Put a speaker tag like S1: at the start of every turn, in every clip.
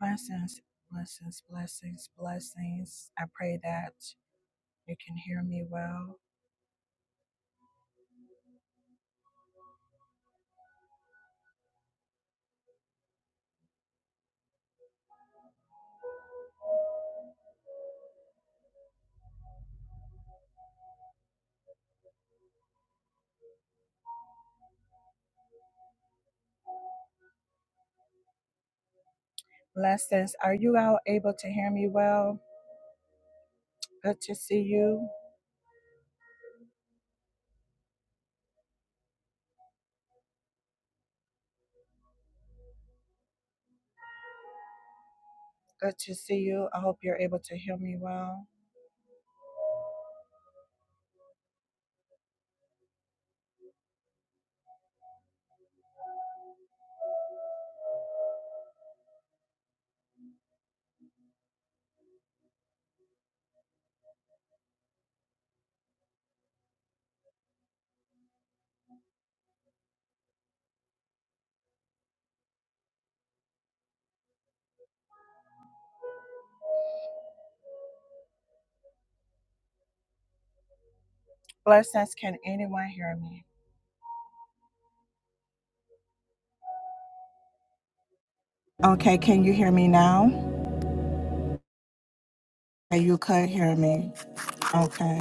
S1: Blessings, blessings, blessings, blessings. I pray that you can hear me well. Blessings, are you all able to hear me well? Good to see you. Good to see you. I hope you're able to hear me well. Blessings, can anyone hear me? Okay, can you hear me now? Okay, You could hear me. Okay.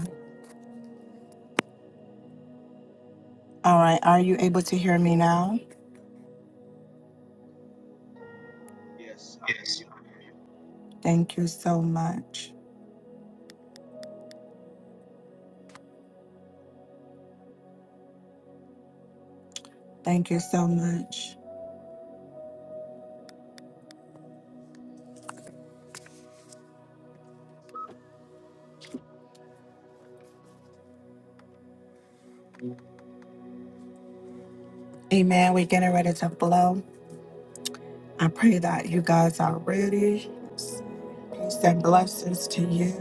S1: All right, are you able to hear me now?
S2: Yes, I hear you.
S1: Thank you so much. Thank you so much. Amen. We're getting ready to blow. I pray that you guys are ready. Peace and blessings to you.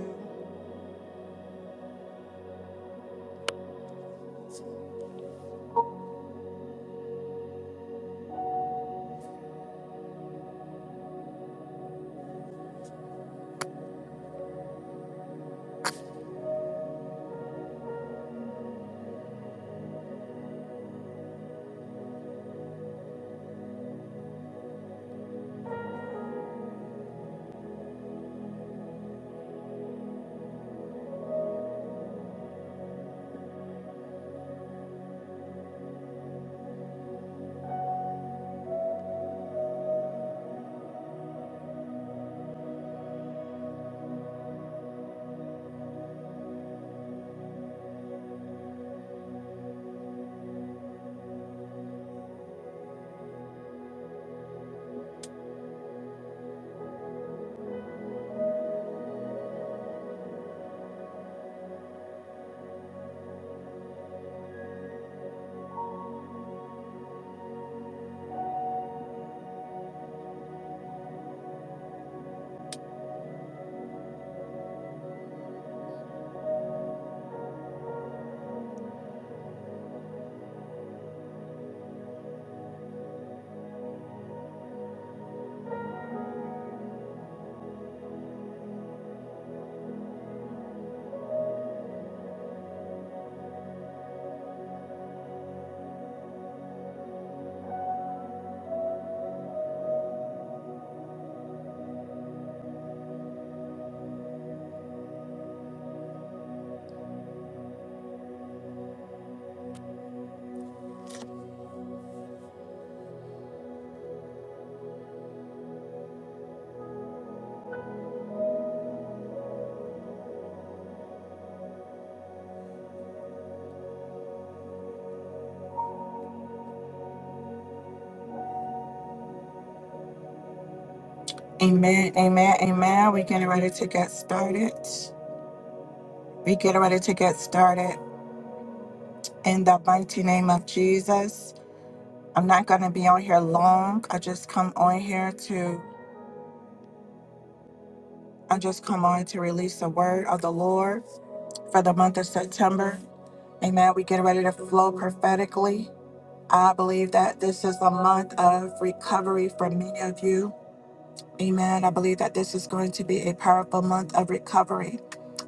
S1: Amen, amen, amen. We're getting ready to get started. We're getting ready to get started in the mighty name of Jesus. I'm not going to be on here long. I just come on here to, I just come on to release the word of the Lord for the month of September. Amen. We get ready to flow prophetically. I believe that this is a month of recovery for many of you. Amen. I believe that this is going to be a powerful month of recovery.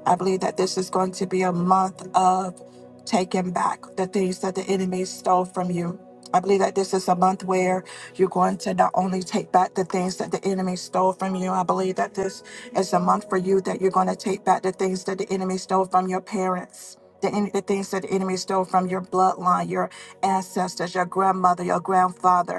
S1: I believe that this is going to be a month of taking back the things that the enemy stole from you. I believe that this is a month where you're going to not only take back the things that the enemy stole from you, I believe that this is a month for you that you're going to take back the things that the enemy stole from your parents. The, en- the things that the enemy stole from your bloodline, your ancestors, your grandmother, your grandfather,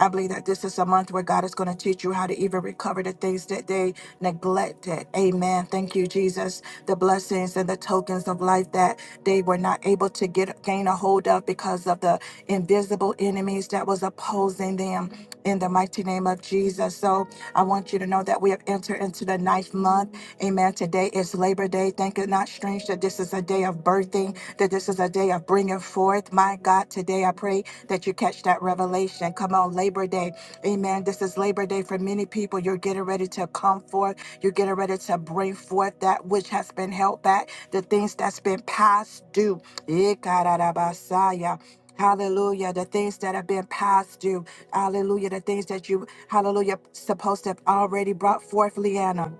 S1: I believe that this is a month where God is going to teach you how to even recover the things that they neglected. Amen. Thank you, Jesus. The blessings and the tokens of life that they were not able to get gain a hold of because of the invisible enemies that was opposing them in the mighty name of Jesus. So I want you to know that we have entered into the ninth month. Amen. Today is Labor Day. Think it not strange that this is a day of birthing, that this is a day of bringing forth. My God, today I pray that you catch that revelation. Come on, Labor Day. Amen. This is Labor Day for many people. You're getting ready to come forth. You're getting ready to bring forth that which has been held back, the things that's been passed due. Eh, karabasaya. Hallelujah. The things that have been past you. Hallelujah. The things that you, hallelujah, supposed to have already brought forth, Leanna.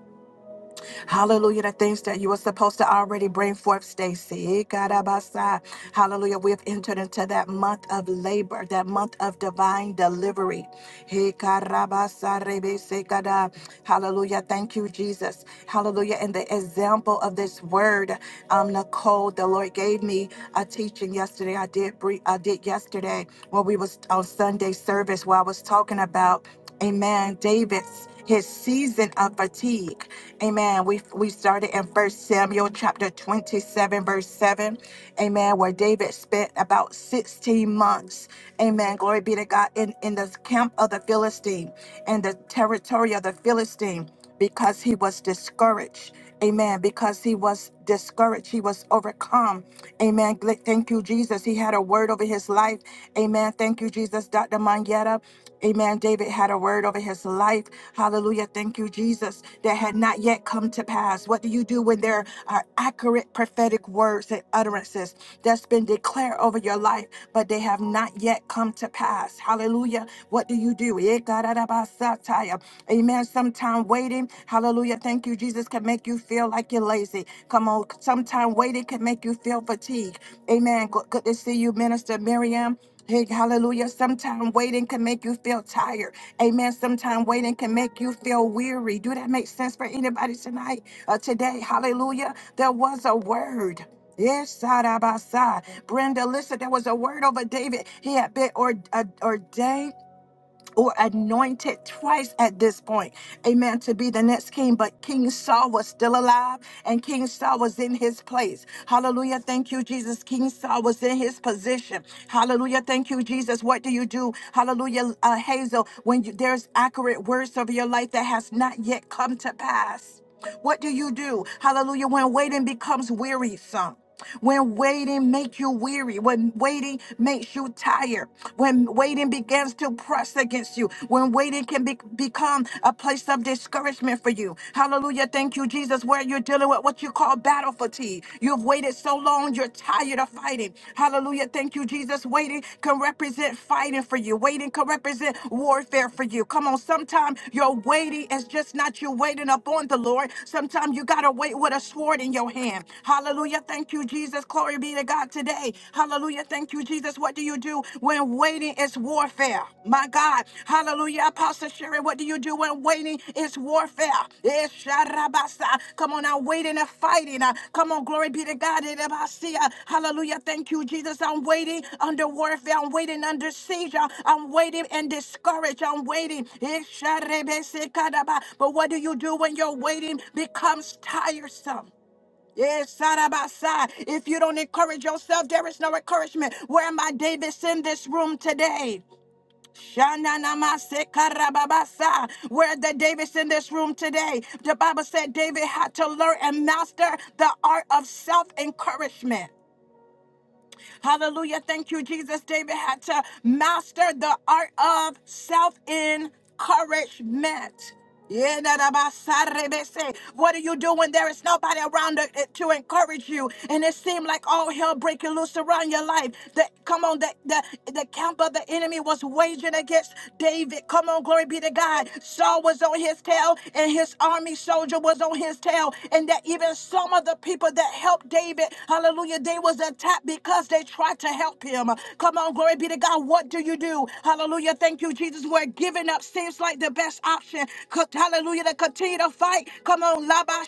S1: Hallelujah. The things that you were supposed to already bring forth, Stacy. Ikarabasa. Hallelujah. We have entered into that month of labor, that month of divine delivery. Ikarabasa rebesekada. Hallelujah. Thank you, Jesus. Hallelujah. And the example of this word, um, Nicole, the Lord gave me a teaching yesterday. I did bre- I did yesterday when we was on Sunday service where I was talking about. Amen. David's his season of fatigue. Amen. We we started in First Samuel chapter 27, verse 7. Amen. Where David spent about 16 months. Amen. Glory be to God. In, in the camp of the Philistine, in the territory of the Philistine, because he was discouraged. Amen. Because he was discouraged. He was overcome. Amen. Gl- Thank you, Jesus. He had a word over his life. Amen. Thank you, Jesus. Dr. Mangetta. Amen. David had a word over his life. Hallelujah. Thank you, Jesus. That had not yet come to pass. What do you do when there are accurate prophetic words and utterances that's been declared over your life, but they have not yet come to pass? Hallelujah. What do you do? Ikarabasataya. Amen. Sometime waiting. Hallelujah. Thank you, Jesus. Can make you feel like you're lazy. Come on. Sometime waiting can make you feel fatigued. Amen. Good good to see you, Minister Miriam. Hey, hallelujah. Sometimes waiting can make you feel tired. Amen. Sometimes waiting can make you feel weary. Do that make sense for anybody tonight? Uh, today, hallelujah. There was a word. Yes, Side by side. Brenda, listen, there was a word over David. He had been or, uh, ordained or anointed twice at this point, amen, to be the next king. But King Saul was still alive and King Saul was in his place. Hallelujah. Thank you, Jesus. King Saul was in his position. Hallelujah. Thank you, Jesus. What do you do? Hallelujah, uh, Hazel, when you, there's accurate words over your life that has not yet come to pass. What do you do? Hallelujah, when waiting becomes wearisome. When waiting makes you weary, when waiting makes you tired, when waiting begins to press against you, when waiting can be- become a place of discouragement for you. Hallelujah. Thank you, Jesus, where you're dealing with what you call battle fatigue. You've waited so long, you're tired of fighting. Hallelujah. Thank you, Jesus. Waiting can represent fighting for you, waiting can represent warfare for you. Come on, sometimes your waiting is just not you waiting upon the Lord. Sometimes you got to wait with a sword in your hand. Hallelujah. Thank you, Jesus. Glory be to God today. Hallelujah. Thank you, Jesus. What do you do when waiting is warfare? My God. Hallelujah. Apostle Sherry, what do you do when waiting is warfare? Eh, sharabasa. Come on, I'm waiting and fighting. Uh, Come on, glory be to God. Eh, rabasia. Hallelujah. Thank you, Jesus. I'm waiting under warfare. I'm waiting under seizure. I'm waiting and discouraged. I'm waiting. Eh, sharebesekadaba. But what do you do when your waiting becomes tiresome? Yes, side by side. If you don't encourage yourself, there is no encouragement. Where my Davids in this room today? Shananamasekarababasa. Where the Davids in this room today? The Bible said David had to learn and master the art of self encouragement. Hallelujah. Thank you, Jesus. David had to master the art of self encouragement. Yeah, da, da, ba, sa, re, be, se. What do you do when there is nobody around to, eh, to encourage you? And it seemed like all hell breaking loose around your life. The, come on, the, the, the camp of the enemy was waging against David. Come on, glory be to God. Saul was on his tail, and his army soldier was on his tail tell, and that even some of the people that helped David, hallelujah, they was attacked because they tried to help him. Come on, glory be to God. What do you do? Hallelujah. Thank you, Jesus. Where giving up seems like the best option. Co- Hallelujah. To continue to fight. Come on, Laba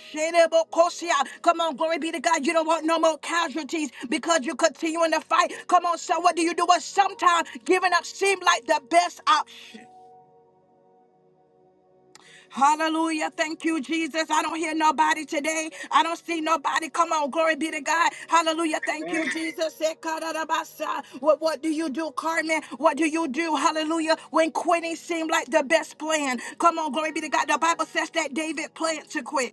S1: Kosia. Come on, glory be to God. You don't want no more casualties because you're continuing to fight. Come on, so what do you do? Well, sometimes giving up seems like the best option. Hallelujah. Thank you, Jesus. I don't hear nobody today. I don't see nobody. Come on. Glory be to God. Hallelujah. Thank you,
S2: Man,
S1: Jesus. Sekarabasa. What, what do you do, Carmen? What do you do? Hallelujah. When quitting seemed like the best plan. Come on. Glory be to God. The Bible says that David planned to quit.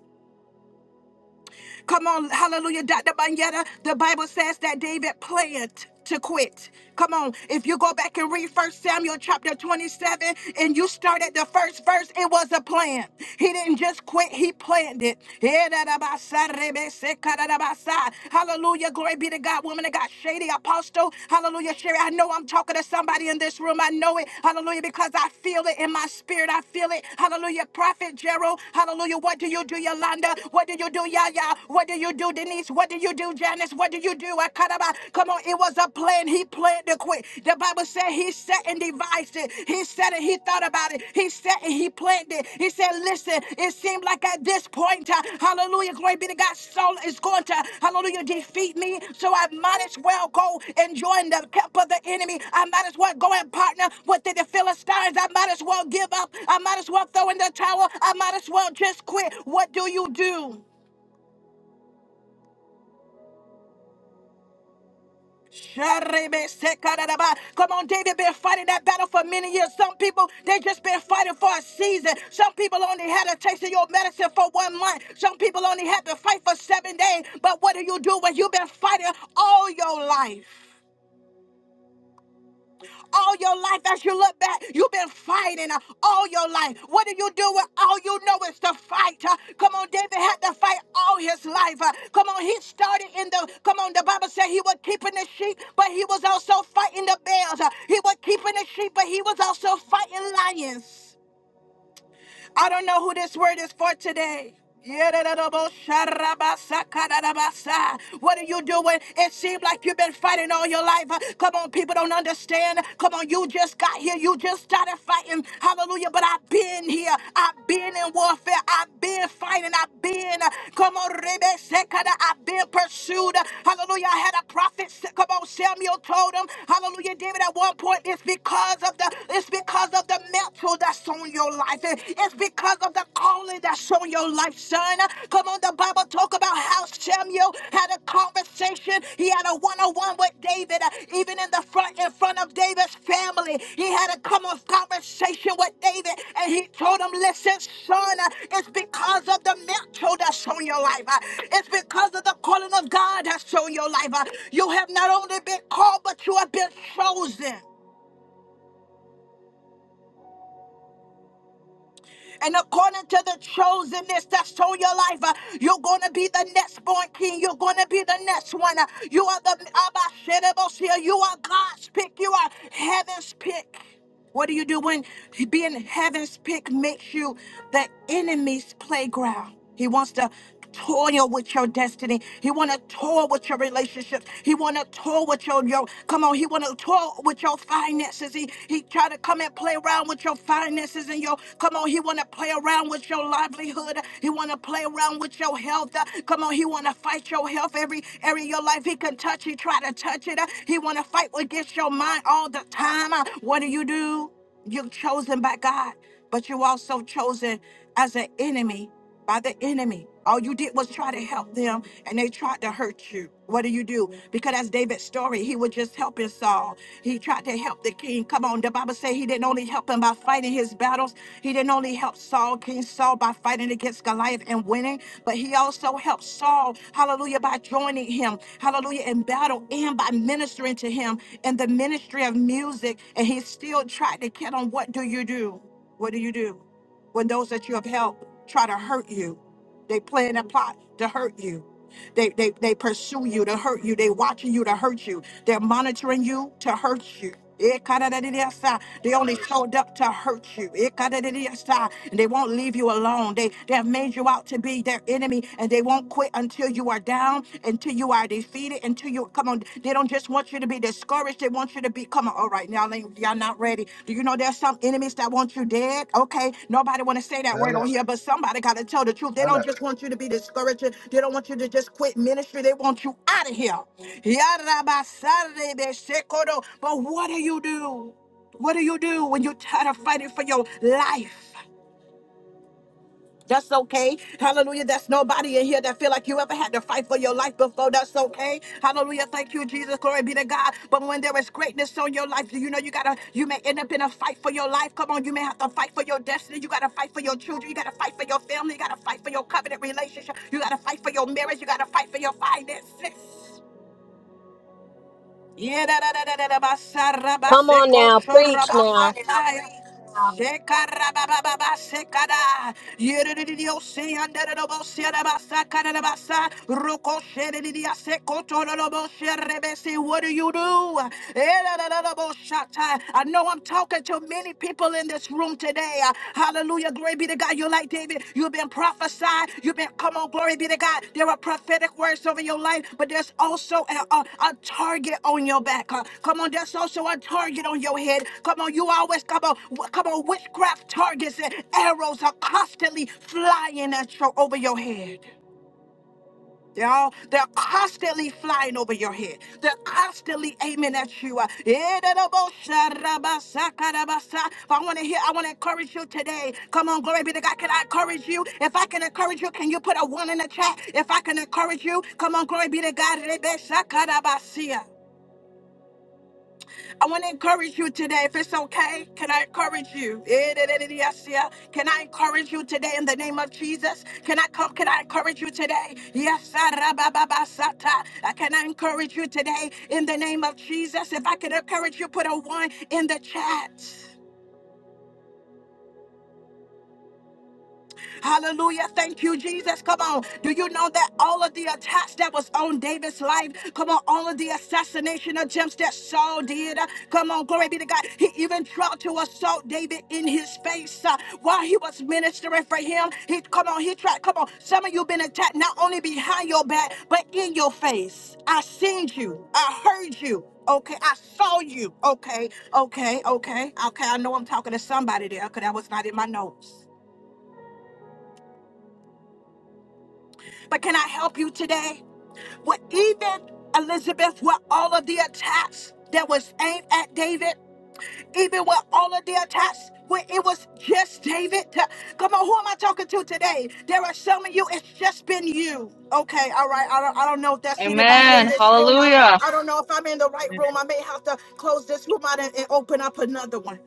S1: Come on, hallelujah, Dr. Banyetta. The Bible says that David planned to quit. Come on, if you go back and read First Samuel chapter 27 and you start at the first verse, it was a plan. He didn't just quit, he planned it. Hallelujah, glory be to God, woman of God, shady apostle. Hallelujah, Sherry. I know I'm talking to somebody in this room. I know it. Hallelujah, because I feel it in my spirit. I feel it. Hallelujah, prophet Gerald. Hallelujah, what do you do, Yolanda? What do you do, Yolanda? yeah, yeah. What do you do, Denise? What do you do, Janice? What do you do? I cut about. Come on, it was a plan. He planned to quit. The Bible said he sat and devised it. He said it. He thought about it. He sat and he planned it. He said, listen, it seemed like at this point, uh, hallelujah, glory be to God, Saul is going to, hallelujah, defeat me. So I might as well go and join the camp of the enemy. I might as well go and partner with the the Philistines. I might as well give up. I might as well throw in the towel. I might as well just quit. What do you do? Come on, David been fighting that battle for many years. Some people, they just been fighting for a season. Some people only had a taste of your medicine for one month. Some people only had to fight for seven days. But what do you do when you've been fighting all your life? all your life as you look back. You've been fighting uh, all your life. What do you do when all you know is to fight? uh? Come on, David had to fight all his life. uh. Come on, he started in the, come on, the Bible said he was keeping the sheep, but he was also fighting the bears. uh. He was keeping the sheep, but he was also fighting lions. I don't know who this word is for today. What are you doing? It seems like you've been fighting all your life. Come on, people don't understand. Come on, you just got here. You just started fighting. Hallelujah. But I've been here. I've been in warfare. I've been fighting. I've been, come on, Rebesekada. I've been pursued. Hallelujah. I had a prophet. Come on, Samuel told him. Hallelujah. David at one point, it's because of the, it's because of of the mantle that's on your life. It- It's because of the calling that's on your life, son. Come on, the Bible talk about how Samuel had a conversation. He had a one-on-one with David, uh, even in the front, in front of David's family. He had a come on conversation with David, and he told him, "Listen, son, uh, it's because of the mantle that's on your life. uh, It's because of the calling of God that's on your life. uh, You have not only been called, but you have been chosen." And according to the chosenness that's on your life, uh, you're going to be the next born king. You're going to be the next one. Uh, You are the Abashedabosea. You are God's pick. You are heaven's pick. What do you do when being heaven's pick makes you the enemy's playground? He wants to toil with your destiny. He want to toil with your relationships. He want to toil with your, your come on. He want to toil with your finances. He he try to come and play around with your finances and your come on. He want to play around with your livelihood. He want to play around with your health. Uh, Come on. He want to fight your health every area of your life. He can touch. He try to touch it. Uh, He want to fight against your mind all the time. Uh, What do you do? You're chosen by God, but you also chosen as an enemy by the enemy. All you did was try to help them and they tried to hurt you. What do you do? Because that's David's story. He was just helping Saul. He tried to help the king. Come on, the Bible says he didn't only help him by fighting his battles. He didn't only help Saul, King Saul, by fighting against Goliath and winning, but he also helped Saul, hallelujah, by joining him, hallelujah, in battle and by ministering to him in the ministry of music. And he still tried to get on. What do you do? What do you do? when those that you have helped try to hurt you. They plan and plot to hurt you. They, they, they pursue you to hurt you. They watching you to hurt you. They're monitoring you to hurt you. Eh, kadadadadiyasa. They
S2: Have
S1: only
S2: mercy.
S1: showed up to hurt you. Eh, kadadadadiyasa. And they won't leave you alone. They they have made you out to be their enemy and they won't quit until you are down, until you are defeated, until you come on. They don't just just want you to be discouraged. They want you to be, come on, all right, now ain't- y'all not ready. Do you know there's some enemies that want you dead? Okay, nobody want to say that
S2: Tell
S1: word
S2: it,
S1: on here, but somebody got to tell the truth. They
S2: tell
S1: don't
S2: it.
S1: just want you to be discouraged. They don't want you to just quit ministry. They want you out of here. Yarabasarebe shekodo. But what do you do? What do you do when you're tired of fighting for your life? That's okay. Hallelujah. That's nobody in here that feel like you ever had to fight for your life before. That's okay. Hallelujah. Thank you, Jesus. Glory be to God. But when there is greatness on your life, you know you gotta you may end up in a fight for your life. Come on, you may have to fight for your destiny. You gotta fight for your children. You gotta fight for your family. You gotta fight for your covenant relationship. You gotta fight for your marriage. You gotta fight for your finances. What do you
S3: Come on now, preach now.
S1: do? I know I'm talking to many people in this room room today. Uh, Hallelujah. Glory be to God. You're like David. You've been prophesied. You've been, come on, glory be to God. There are prophetic words over your life, but there's also a, a, a target on your back. Uh, Come on, there's also a target on your head. Come on, you always, come on, wh- come on, witchcraft targets and arrows are constantly flying at you over your head you all, they're constantly flying over your head. They're constantly aiming at you. Uh, But I want to hear, I want to encourage you today. Come on, glory be to God. Can I encourage you? If I can encourage you, can you put a one in the chat? If I can encourage you, come on, glory be to God. I want to encourage you today. If it's okay, can I encourage you? Eh, da, da, da, da, yes, yeah. Can I encourage you today in the name of Jesus? Can I come? Can I encourage you today? Yes, ah, ra, ba, ba, ba, sa, ta. Uh, can I encourage you today in the name of Jesus? If I could encourage you, put a one in the chat. Hallelujah. Thank you, Jesus. Come on. Do you know that all of the attacks that was on David's life? Come on, all of the assassination attempts that Saul did. uh, Come on, glory be to God. He even tried to assault David in his face uh, while he was ministering for him. He come on, he tried. Come on. Some of you been attacked not only behind your back, but in your face. I seen you. I heard you. Okay, I saw you. Okay, okay, okay, okay. I know I'm talking to somebody there because that was not in my notes. But can I help you today? What even Elizabeth, with all of the attacks that was aimed at David, even with all of the attacks, when it was just David. Come on, who am I talking to today? There are some of you, it's just been you. Okay, all right. I don't, I don't know if that's anybody in
S4: Amen.
S1: this room. I,
S4: Hallelujah.
S1: I don't know if I'm in the right
S5: member
S1: room. I may have to close this room out and, and open up another one.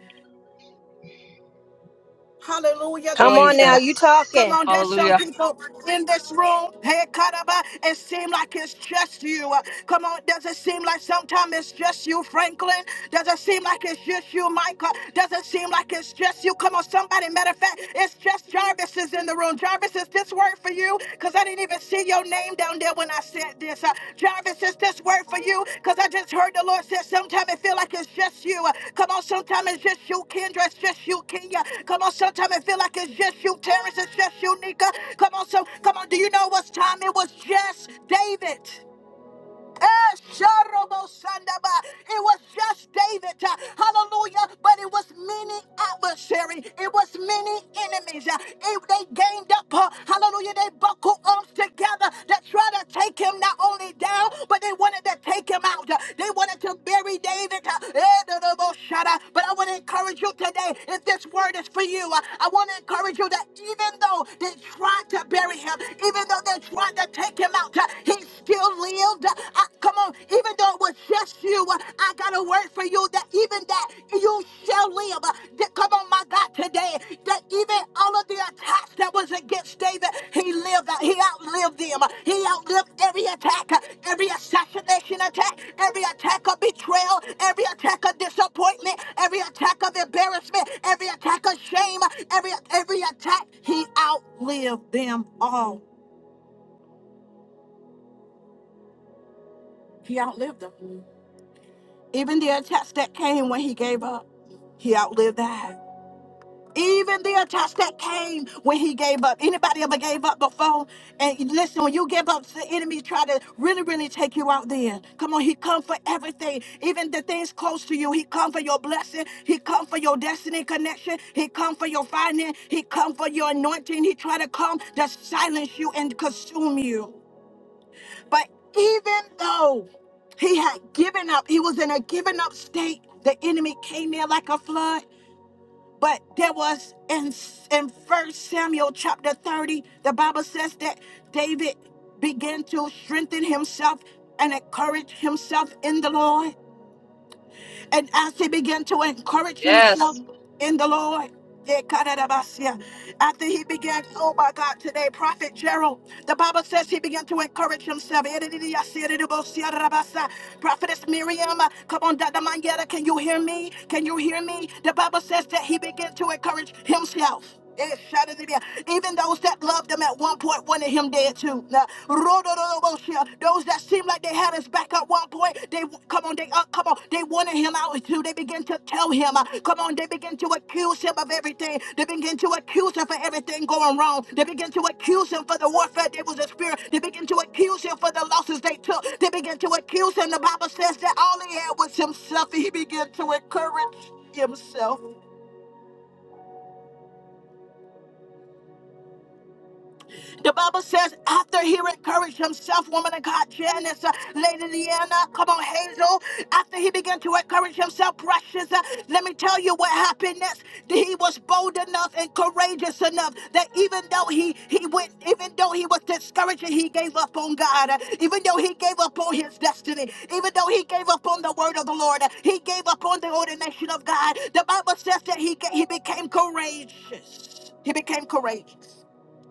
S1: Hallelujah.
S3: Come
S1: Glory
S3: on
S1: be to
S3: now,
S1: God.
S4: Jesus.
S3: you
S1: Come
S3: talking.
S1: on, there's some
S4: Hallelujah.
S1: people in this room. Hey, Kadaba, it seems like it's just you. Uh, Come on, does it seem like sometimes it's just you, Franklin? Does it seem like it's just you, Micah? Does it seem like it's just you? Come on, somebody. Matter of fact, it's just Jarvis is in the room. Jarvis, is this word for you? Because I didn't didn't even see your name down there when I said this. Uh, Jarvis, is this word for you? Because I just heard the Lord say sometimes it feel like it's just you. Uh, Come on, sometimes it's just you, Kendra. It's just you, Kenya. Come on, sometimes it feel like it's just you, Terrence. It's just you, Nika. Come on, so come on. Do you know what's time? It was just David. Esharobosandaba. It was just David, uh, hallelujah, but it was many adversary. It was many enemies. uh, It, they gained up, uh, hallelujah, they buckled arms together to try to take him not only down, but they wanted to take him out. Uh, They wanted to bury David. uh, Edodoboshada. But I want to encourage you today, if this word is for you, uh, I want to encourage you that even though they tried to bury him, even though they tried to take him out, he still lived. I, come on, even though it was just you, I got a word for you that even that you shall live. That, come on, my God, today, that even all of the attacks that was against David, he lived, he outlived them. He outlived every attack, every assassination attack, every attack of betrayal, every attack of disappointment, every attack of embarrassment, every attack of shame, every every attack. He outlived them all. He outlived them. Even the attacks that came when he gave up, he outlived that. Even the attacks that came when he gave up. Anybody ever gave up before? And listen, when you give up, the enemy try to really, really take you out there. Come on, he come for everything. Even the things close to you. He come for your blessing. He come for your destiny connection. He come for your finance. He come for your anointing. He try to come to silence you and consume you. But even though he had given up, he was in a given up state. The enemy came in like a flood. But there was in in First Samuel chapter thirty, the Bible says that David began to strengthen himself and encourage himself in the Lord. And as he began to encourage himself
S4: Yes.
S1: in the Lord, Yekadadabasia. After he began, oh my God, today, Prophet Gerald, the Bible says he began to encourage himself. Yedididiasiadidibosiadidabasa. Prophetess Miriam, uh, come on, Dr. Mangetta, can you hear me? Can you hear me? The Bible says that he began to encourage himself. Yeah, even those that loved him at one point wanted him dead too. Now, Those that seemed like they had his back at one point, they come on, they uh, come on, they wanted him out too. They begin to tell him, uh, come on, they begin to accuse him of everything. They begin to accuse him for everything going wrong. They begin to accuse him for the warfare they was experiencing. They begin to accuse him for the losses they took. They begin to accuse him. The Bible says that all he had was himself. He began to encourage himself. The Bible says, after he encouraged himself, woman of God, Janice, uh, Lady Leanna, come on, Hazel, after he began to encourage himself, precious, uh, let me tell you what happened next. That He was bold enough and courageous enough that even though he, he went, even though he was discouraged, and he gave up on God, Uh, even though he gave up on his destiny, even though he gave up on the word of the Lord, uh, he gave up on the ordination of God. The Bible says that he, ga- he became courageous. He became courageous.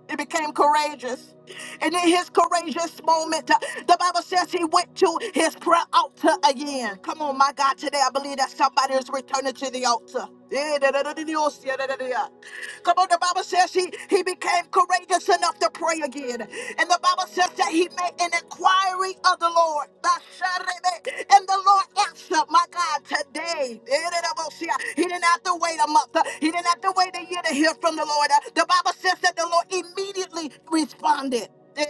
S1: He became courageous. And in his courageous moment, uh, the Bible says he went to his prayer altar again. Come on, my God, today I believe that somebody is returning to the altar. Yeah, da, da, da, da, da, yeah, da, da, da, yeah. Come on, the Bible says he, he became courageous enough to pray again. And the Bible says that he made an inquiry of the Lord. Ba, sha, re, be. And the Lord answered up, my God, today. He didn't have to wait a month. He didn't have to wait a year to hear from the Lord. The Bible says that the Lord immediately responded. I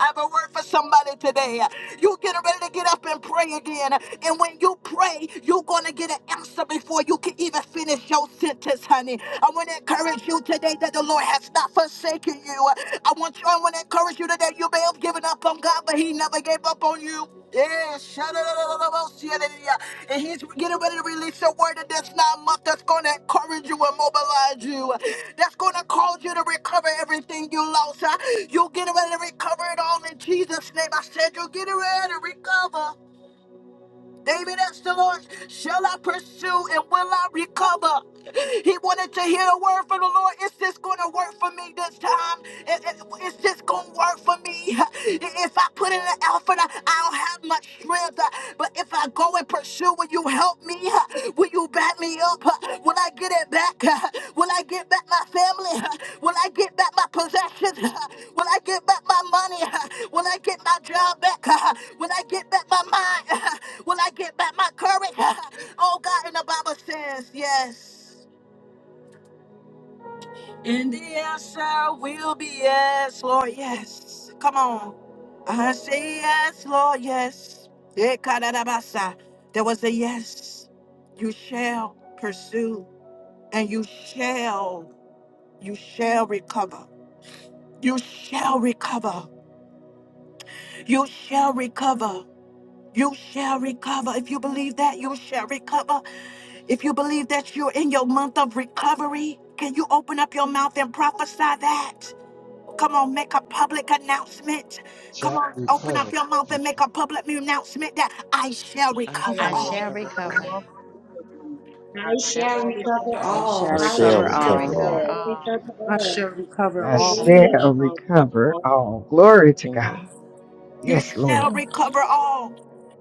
S1: have a word for somebody today. You're getting ready to get up and pray again. And when you pray, you're going to get an answer before you can even finish your sentence, honey. I want to encourage you today that the Lord has not forsaken you. I want you, I want to encourage you today. You may have given up on God, but He never gave up on you. Yeah, shadadadadadabasiyadadiya. And he's getting ready to release a word in this nine month that's going to encourage you and mobilize you. That's going to cause you to recover everything you lost. You're getting ready to recover it all in Jesus' name. I said, You're getting ready to recover. David asked the Lord, Shall I pursue and will I recover? He wanted to hear a word from the Lord. Is this going to work for me this time? I- I- Is this going to work for me? If I put in an effort, I- I'll have much strength. But if I go and pursue, will you help me? Will you back me up? Will I get it back? Will I get back my family? Will I get back my possessions? Will I get back my money? Will I get my job back? Will I get back my mind? Will I get back my courage? Oh God, and the Bible says yes. And the answer will be yes, Lord, yes. Come on. I say yes, Lord, yes. Ekarabasa. There was a yes. You shall pursue and you shall you shall recover you shall recover you shall recover you shall recover if you believe that you shall recover if you believe that you're in your month of recovery can you open up your mouth and prophesy that come on make a public announcement come
S2: Shall
S1: on open up
S2: recover.
S1: your mouth
S2: If
S1: and make a public announcement that i shall
S6: I
S7: I
S1: recover
S7: am
S8: I
S6: shall
S7: in
S1: all
S8: shall
S6: recover
S7: the
S8: recover.
S7: love
S6: all.
S8: I
S7: of you.
S9: I
S7: I shall
S9: shall
S10: shall
S9: recover
S10: recover
S6: I
S7: perform.
S11: I
S6: shall
S10: all.
S9: all.
S11: shall
S12: I
S6: recover
S12: shall
S11: recover
S8: shall
S6: all.
S9: Hallelujah.
S12: recover
S11: all.
S9: I
S8: recover
S12: all.
S5: or
S9: shall
S8: all.
S9: recover
S13: I
S9: all.
S13: shall recover
S14: I
S13: all.
S14: shall
S9: Hallelujah.
S5: of, of,
S14: recover
S5: of
S14: all. Glory to
S6: In
S14: God.
S1: You
S14: Yes,
S1: shall
S6: your
S14: Lord.
S6: name,
S1: recover
S6: Master.
S1: all.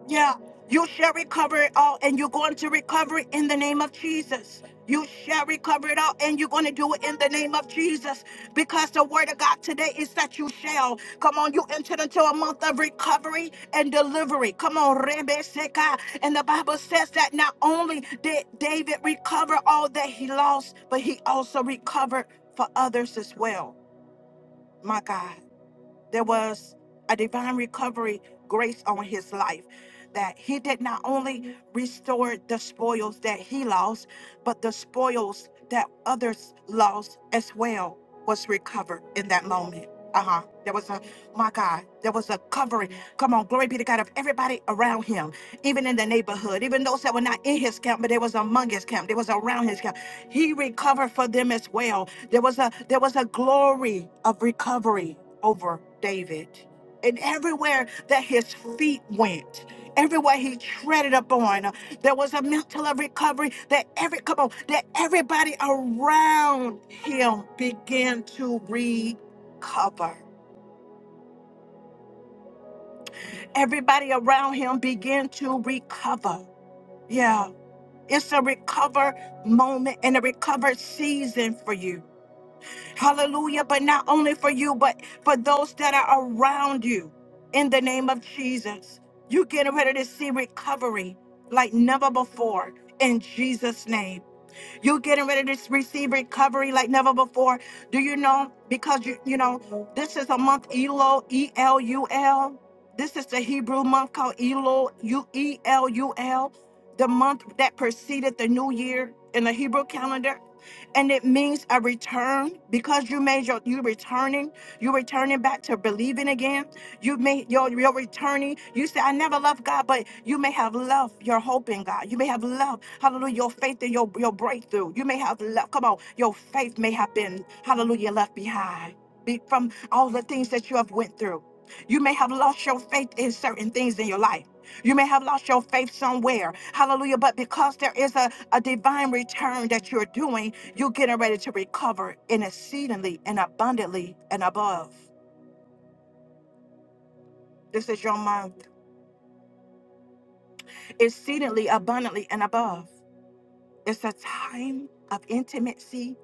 S1: Yeah, you shall recover it all, and you're going to recover it in the name of Jesus. You shall recover it all, and you're going to do it in the name of Jesus. Because the word of God today is that you shall. Come on, you entered into a month of recovery and delivery. Come on, Rebe Seka. And the Bible says that not only did David recover all that he lost, but he also recovered for others as well. My God there was a divine recovery grace on his life that he did not only restore the spoils that he lost but the spoils that others lost as well was recovered in that moment uh-huh there was a my god there was a covering come on glory be to god of everybody around him even in the neighborhood even those that were not in his camp but they was among his camp they was around his camp he recovered for them as well. There was a there was a glory of recovery over David. And everywhere that his feet went, everywhere he treaded upon, uh, there was a mantle of recovery that every come on, that everybody around him began to recover. Everybody around him began to recover. Yeah. It's a recover moment and a recover season for you. Hallelujah. But not only for you, but for those that are around you in the name of Jesus. You're getting ready to see recovery like never before in Jesus' name. You're getting ready to receive recovery like never before. Do you know? Because you you know, this is a month ELO, E L U L. This is the Hebrew month called Elo, U E L U L, the month that preceded the new year in the Hebrew calendar. And it means a return because you made your you returning, you returning back to believing again you may your your returning. You say, I never loved God, but you may have love your hope in God. You may have love, hallelujah, your faith in your, your breakthrough. You may have love. Come on, your faith may have been, hallelujah, left behind be- from all the things that you have went through. You may have lost your faith in certain things in your life. You may have lost your faith somewhere. Hallelujah. But because there is a, a divine return that you're doing, you're getting ready to recover in exceedingly and abundantly and above. This is your mind. exceedingly abundantly and above. It's a time of intimacy,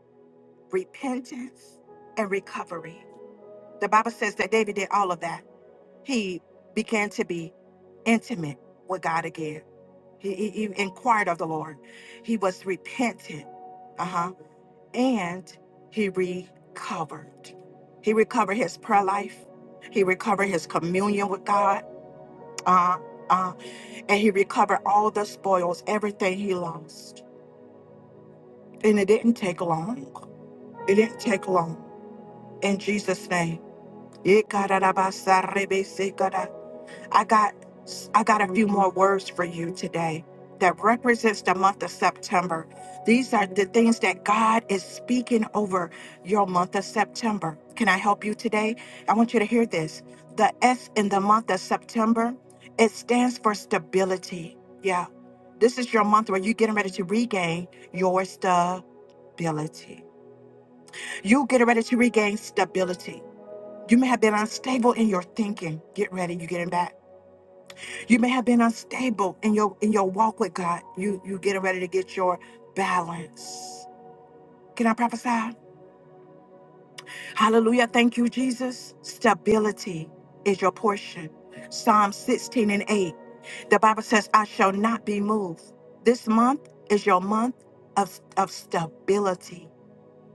S1: repentance, and recovery. The Bible says that David did all of that. He began to be intimate with God again. He, he, he inquired of the Lord. He was repentant, uh huh, and he recovered. He recovered his prayer life. He recovered his communion with God. Uh, uh, and he recovered all the spoils, everything he lost And it didn't take long. It didn't take long. In Jesus' name. Ikarabasarebesekara. I got I got a few more words for you today that represents the month of September. These are the things that God is speaking over your month of September. Can I help you today? I want you to hear this. The S in the month of September, it stands for stability. Yeah. This is your month where you're getting ready to regain your stability. You get ready to regain stability. You may have been unstable in your thinking. Get ready, you getting back. You may have been unstable in your in your walk with God. You you getting ready to get your balance. Can I prophesy? Hallelujah. Thank you, Jesus. Stability is your portion. Psalm 16 and 8. The Bible says, I shall not be moved. This month is your month of, of stability.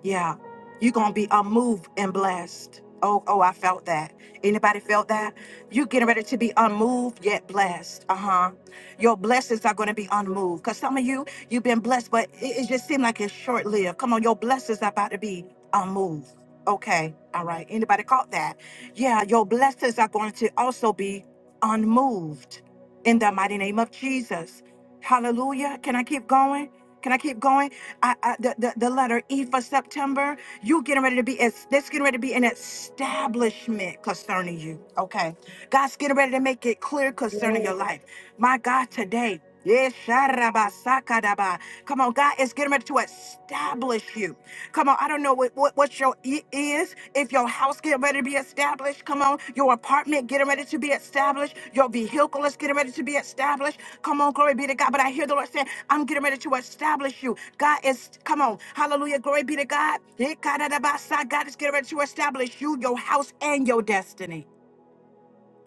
S1: Yeah, you're gonna be unmoved and blessed. Oh, oh, I felt that. Anybody felt that? You getting ready to be unmoved yet blessed. Uh huh. Your blessings are gonna be unmoved. Cause some of you, you've been blessed, but it, it just seemed like it's short lived. Come on, your blessings are about to be unmoved. Okay, all right. Anybody caught that? Yeah, your blessings are going to also be unmoved in the mighty name of Jesus. Hallelujah. Can I keep going? Can I keep going? I, I, the, the, the letter E for September, you getting ready to be, es- that's getting ready to be an establishment concerning you. Okay. God's getting ready to make it clear concerning
S9: Glory.
S1: your life. My God, today, yes, sharabasakadaba. come on, God is getting ready to establish you. Come on, I don't know what, what, what's your it is. If your house get ready to be established, come on. Your apartment getting ready to be established. Your vehicle is getting ready to be established. Come on, glory be to God. But I hear the Lord saying, I'm getting ready to establish you. God is, come on. Hallelujah. Glory be to God. God is getting ready to establish you, your house, and your destiny.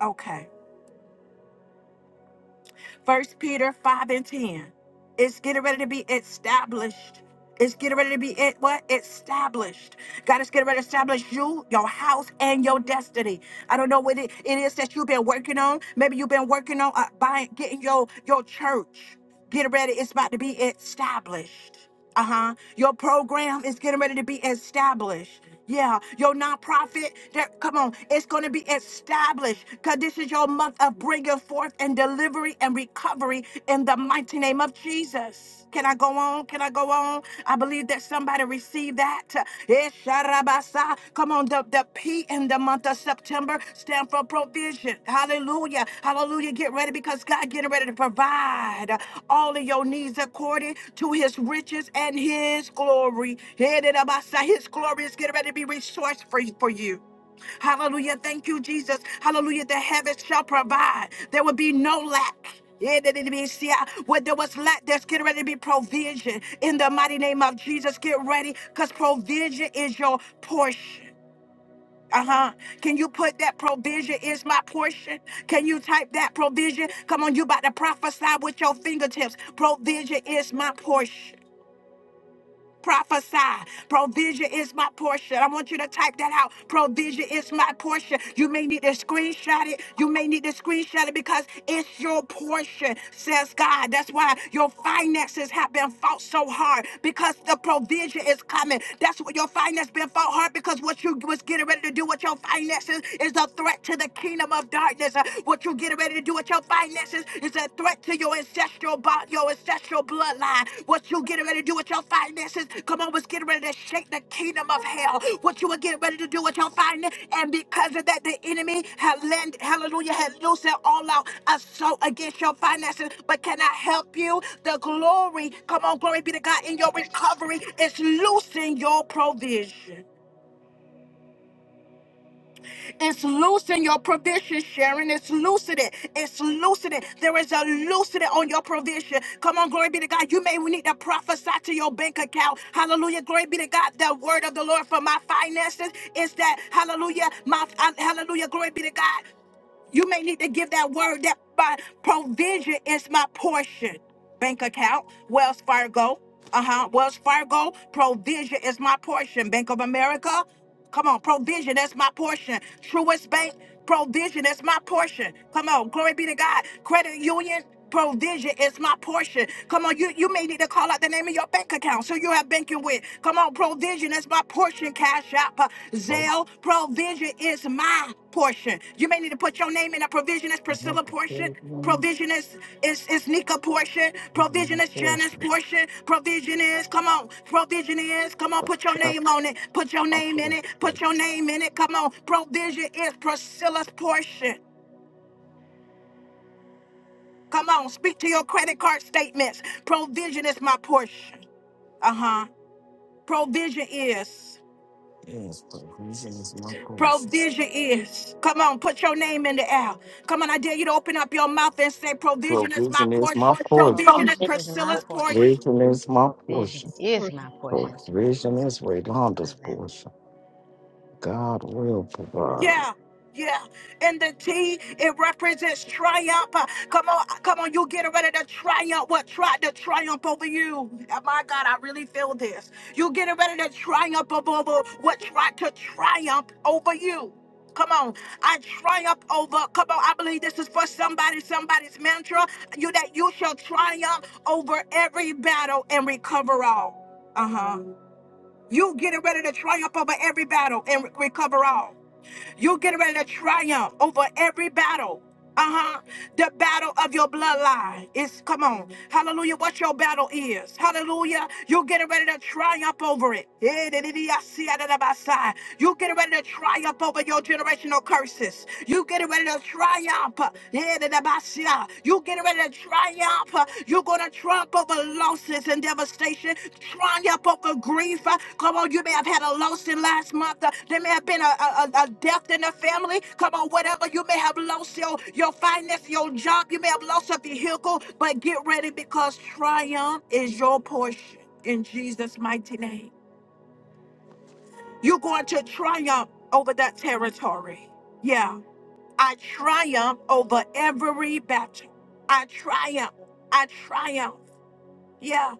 S1: Okay. First Peter 5 and 10. It's getting ready to be established. It's getting ready to be it what? Established. God is getting ready to establish you, your house, and your destiny. I don't know what it, it is that you've been working on. Maybe you've been working on uh, buying, getting your your church. Get ready. It's about to be established. Uh huh. Your program is getting ready to be established. Yeah, your nonprofit. That come on, it's going to be established. Cause this is your month of bringing forth and delivery and recovery in the mighty name of Jesus. Can I go on? Can I go on? I believe that somebody received that. Esharabasa. Come on, the, the P in the month of September stand for provision. Hallelujah. Hallelujah. Get ready because God getting ready to provide all of your needs according to his riches and his glory. His glory is getting ready to be resourced for, for you. Hallelujah. Thank you, Jesus. Hallelujah. The heavens shall provide. There will be no lack. Yeah, that it be- see, I- Where there was lack, there's getting ready to be provision. In the mighty name of Jesus, get ready because provision is your portion. Uh huh. Can you put that provision is my portion? Can you type that provision? Come on, you about to prophesy with your fingertips. Provision is my portion. Prophesy. Provision is my portion. I want you to type that out. Provision is my portion. You may need to screenshot it. You may need to screenshot it because it's your portion, says God. That's why your finances have been fought so hard because the provision is coming. That's what your finances been fought hard because what you was getting ready to do with your finances is a threat to the kingdom of darkness. Uh, What you getting ready to do with with your finances is a threat to your ancestral bo- your ancestral bloodline. What you getting ready to do with your finances, come on, was getting ready to shake the kingdom of hell. What you were getting ready to do with your finances, and because of that, the enemy have lent, hallelujah, had loosed their all out assault against your finances. But can I help you? The glory, come on, glory be to God in your recovery. It's loosing your provision. It's loosening your provision, Sharon. It's loosening. It's loosening. There is a loosening on your provision. Come on, glory be to God. You may need to prophesy to your bank account. Hallelujah. Glory be to God. The word of the Lord for my finances is that, hallelujah, my, uh, hallelujah, glory be to God. You may need to give that word that by provision is my portion. Bank account, Wells Fargo. Uh huh. Wells Fargo, provision is my portion. Bank of America, come on, provision, that's my portion. Truist Bank, provision, that's my portion. Come on, glory be to God. Credit Union, Provision is my portion. Come on, you, you may need to call out the name of your bank account so you have banking with. Come on, provision is my portion. Cash out, Zell. Provision is my portion. You may need to put your name in a provision is
S12: I want
S1: Priscilla
S12: the
S1: portion.
S12: credit one
S1: Provision is is is Nika portion.
S12: of
S1: Provision
S12: the
S1: is
S12: first.
S1: Janice
S12: one.
S1: portion. Provision is come on. Provision is come on. Put your
S12: Clap
S1: name on it. Put your
S12: my
S1: name in
S12: faith,
S1: it. Put
S12: because,
S1: your name in it. Come on. Provision is Priscilla's portion. Come on, speak to your credit card statements. Provision is my portion. Uh huh. Provision is.
S12: Yes, provision is my portion.
S1: Provision is. Come on, put your name in the air. Come on, I dare you to open up your mouth and say, Provision is my
S12: Provision is
S1: portion.
S12: my portion.
S1: Provision is
S8: Provision is my
S1: Priscilla's portion.
S8: portion.
S12: Provision is my
S8: Provision
S12: portion.
S8: is
S5: person.
S8: my portion. Go,
S12: Provision is Rayonda's
S8: Mother Zambia.
S12: portion. God will provide.
S1: Yeah. Yeah, and the T it represents triumph. Uh, Come on, uh, come on, you getting ready to triumph. What tried to triumph over you? Oh, my God, I really feel this. You getting ready to triumph over over what tried to triumph over you. Come on, I triumph over. Come on, I believe this is for somebody, somebody's mantra. You that you shall triumph over every battle and recover all. Uh huh. You getting ready to triumph over every battle and re- recover all. You're getting ready to triumph over every battle. Uh-huh. The battle of your bloodline is come on. Hallelujah. What your battle is. Hallelujah. You're getting ready to triumph over it. Yeah, da- da- da- I see out of the outside. You're getting ready to triumph over your generational curses. You getting ready to triumph. Yeah, da- da- da- I see out. You getting ready to Triumph. You're going to triumph over losses and devastation. Triumph over grief. Come on, you may have had a loss in last month. There may have been a, a, a a death in the family. Come on, whatever. You may have lost your, your finance, your job. You may have lost a vehicle. But get ready because triumph is your portion in Jesus' mighty name. You're going to triumph over that territory. Yeah. I triumph over every battle. I triumph. I triumph. Yeah,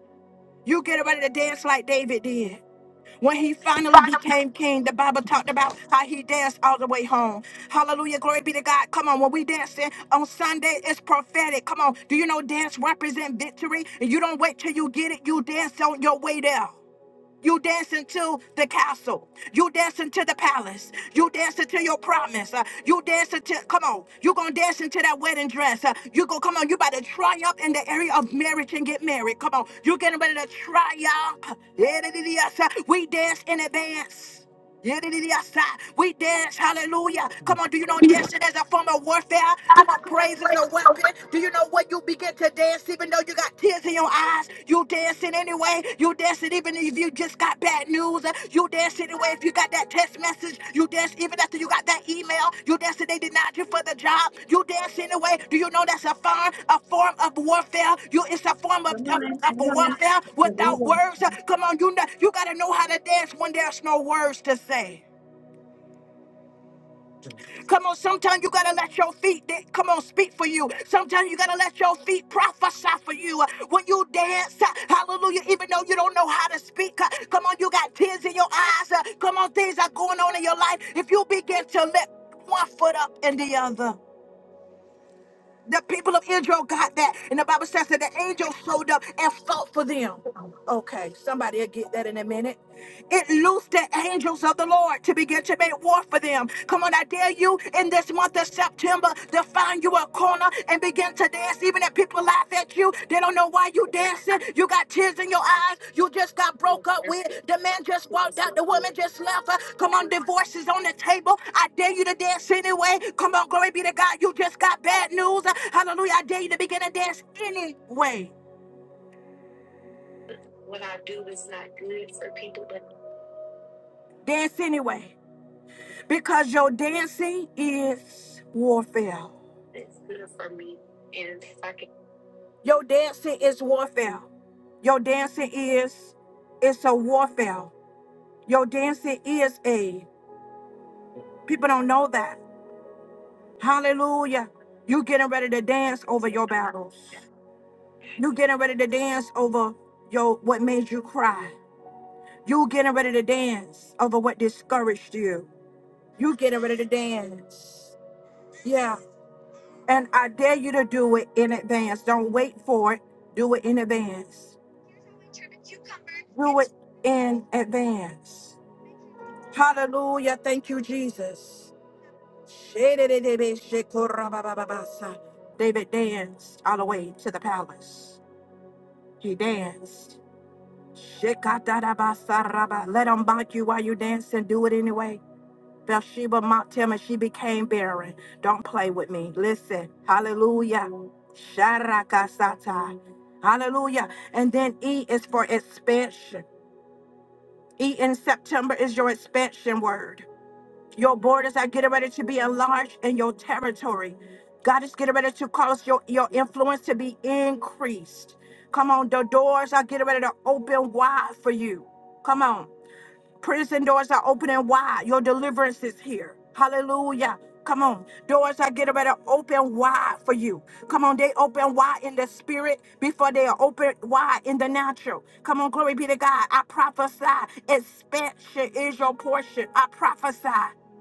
S1: you get ready to dance like David did. When he finally became king, the Bible talked about how he danced all the way home. Hallelujah. Glory be to God. Come on. When we dancing on Sunday, it's prophetic. Come on. Do you know dance represent victory? And you don't wait till you get it. You dance on your way there. You dancing to the castle. You dancing to the palace. You dancing to your promise. Uh, you dancing to come on. You gonna dance into that wedding dress. Uh, you go come on. You about to triumph in the area of marriage and get married. Come on. You getting ready to triumph. Yeah, da- da- da- yes, uh, We dance in advance. Yedididiasa. We dance, hallelujah. Come on, do you know dancing is a form of warfare? Come on, praise is a weapon. Do you know when you begin to dance, even though you got tears in your eyes? You dancing anyway. You dancing even if you just got bad news. You dancing anyway if you got that that text message. You danced even after you got that email. You danced and they denied you for the job. You danced anyway. Do you know that's a form, a form of warfare? You, it's a form of,
S9: Come
S1: of,
S9: on,
S1: of
S9: come on.
S1: warfare without
S9: Hallelujah.
S1: words. Come on, you know, you gotta know how to dance when there's no words to say. Come on, sometimes you gotta let your feet da- come on speak for you. Sometimes you gotta let your feet prophesy for you. Uh, When you dance, uh, hallelujah, even though you don't know how to speak, uh, come on, you got tears in your eyes. uh, Come on, things are going on in your life. If you begin to lift one foot up and the other. The people of Israel got that. And the Bible says that the angel showed up and fought for them. Okay, somebody will get that in a minute. It loosed the angels of the Lord to begin to make war for them. Come on, I dare you in this month of September to find you a corner and begin to dance, even if People laugh at you. They don't know why you dancing. You got tears in your eyes. You just got broke up with. The man just walked out. The woman just left her. Come on, divorce is on the table. I dare you to dance anyway. Come on, glory be to God. You just got bad news. Hallelujah. I dare you to begin to dance anyway. Dance anyway. Because your dancing is warfare. Your dancing is warfare. Your dancing is it's a warfare. Your dancing is a people don't know that. Hallelujah. You getting ready to dance over your battles. You getting ready to dance over your what made you cry. You getting ready to dance over what discouraged you. You getting ready to dance. Yeah. And I dare you to do it in advance. Don't wait for it. Do it in advance. Do it in advance. Hallelujah. Thank you, Jesus. Shedededebe shekorabababasa. David danced all the way to the palace. He danced. Shekatadabasaraba. Let them mock you while you dance and do it anyway. Bathsheba mocked him and she became barren. Don't play with me. Listen. Hallelujah. Sharakasata. Hallelujah. And then E is for expansion. E in September is your expansion word. Your borders are getting ready to be enlarged in your territory. God is getting ready to cause your, your influence to be increased. Come on, the doors are getting ready to open wide for you. Come on. Prison doors are opening wide. Your deliverance is here. Hallelujah. Come on. Doors are getting ready to open wide for you. Come on. They open wide in the spirit before they are open wide in the natural. Come on. Glory be to God. I prophesy. Expansion is your portion. I prophesy.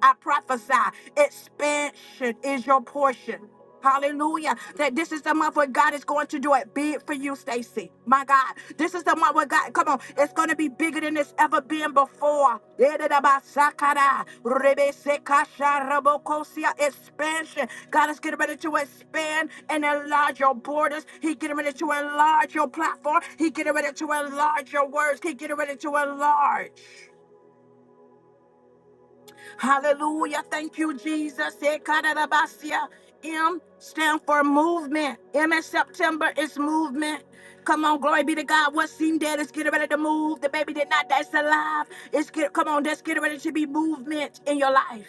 S1: I prophesy. Expansion is your portion. Hallelujah. That this is the month where God is going to do it big for you, Stacy. My God. This is the month where God, come on, it's going to be bigger than it's ever been before. Yedidabasakara, rebesekasharabokosia, Expansion. God is getting ready to expand and enlarge your borders. He getting ready to enlarge your platform. He getting ready to enlarge your words. He getting ready to enlarge. Hallelujah. Thank you, Jesus. Ekadarabasia. M stand for movement. M in September is movement. Come on, glory be to God. What seemed dead is getting ready to move. The baby did not, that's alive. It's get, come on, that's getting ready to be movement in your life.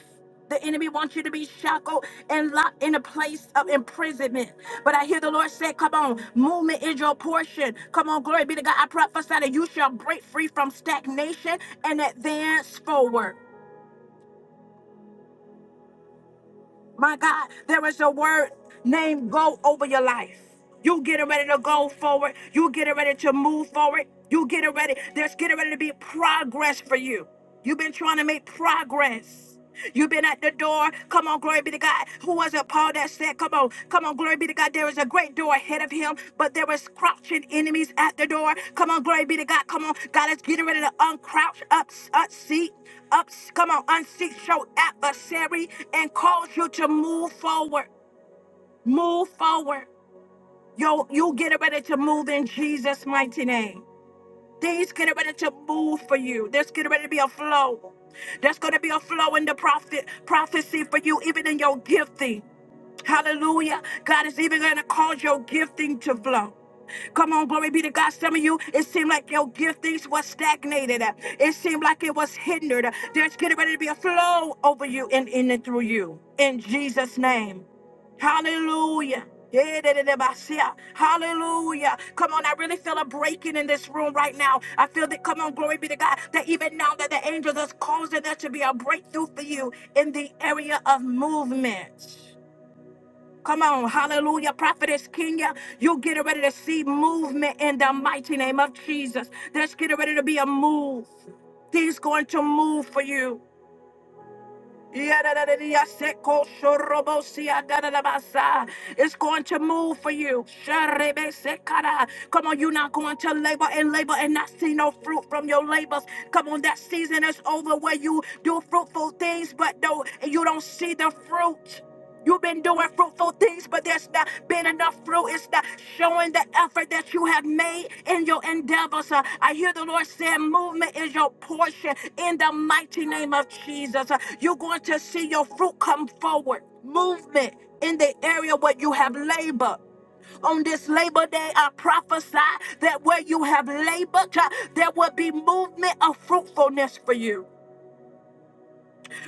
S1: The enemy wants you to be shackled and locked in a place of imprisonment. But I hear the Lord say, Come on, movement is your portion. Come on, glory be to God. I prophesy that you shall break free from stagnation and advance forward. My God, there is a word named go over your life. You getting ready to go forward. You getting ready to move forward. You getting ready. There's getting ready to be progress for you. You've been trying to make progress. You've been at the door. Come on, glory be to God. who was Paul that said, Come on, come on, glory be to God. There is a great door ahead of him, but there was crouching enemies at the door. Come on, glory be to God. Come on, God is getting ready to uncrouch, up, up, seat up, come on, unseat your adversary and cause you to move forward. Move forward. Yo, you get ready to move in Jesus' mighty name. Things getting ready to move for you. There's getting ready to be a flow. There's going to be a flow in the prophet prophecy for you, even in your gifting. Hallelujah. God is even going to cause your gifting to flow. Come on, glory be to God. Some of you, it seemed like your giftings was stagnated. It seemed like it was hindered. There's getting ready to be a flow over you and in and through you. In Jesus' name. Hallelujah. Hallelujah. Come on, I really feel a breaking in this room right now. I feel that, come on, glory be to God, that even now that the angels is causing there to be a breakthrough for you in the area of movement. Come on, hallelujah, prophetess Kenya. You're getting ready to see movement in the mighty name of Jesus. There's getting ready to be a move. Things going to move for you. It's going to move for you. Come on, you're not going to labor and labor and not see no fruit from your labors. Come on, that season is over where you do fruitful things, but no, you don't see the fruit. You've been doing fruitful things, but there's not been enough fruit. It's not showing the effort that you have made in your endeavors. Uh, I hear the Lord saying, Movement is your portion in the mighty name of Jesus. Uh, you're going to see your fruit come forward. Movement in the area where you have labored on this Labor Day, I prophesy that where you have labored, uh, there will be movement of fruitfulness for you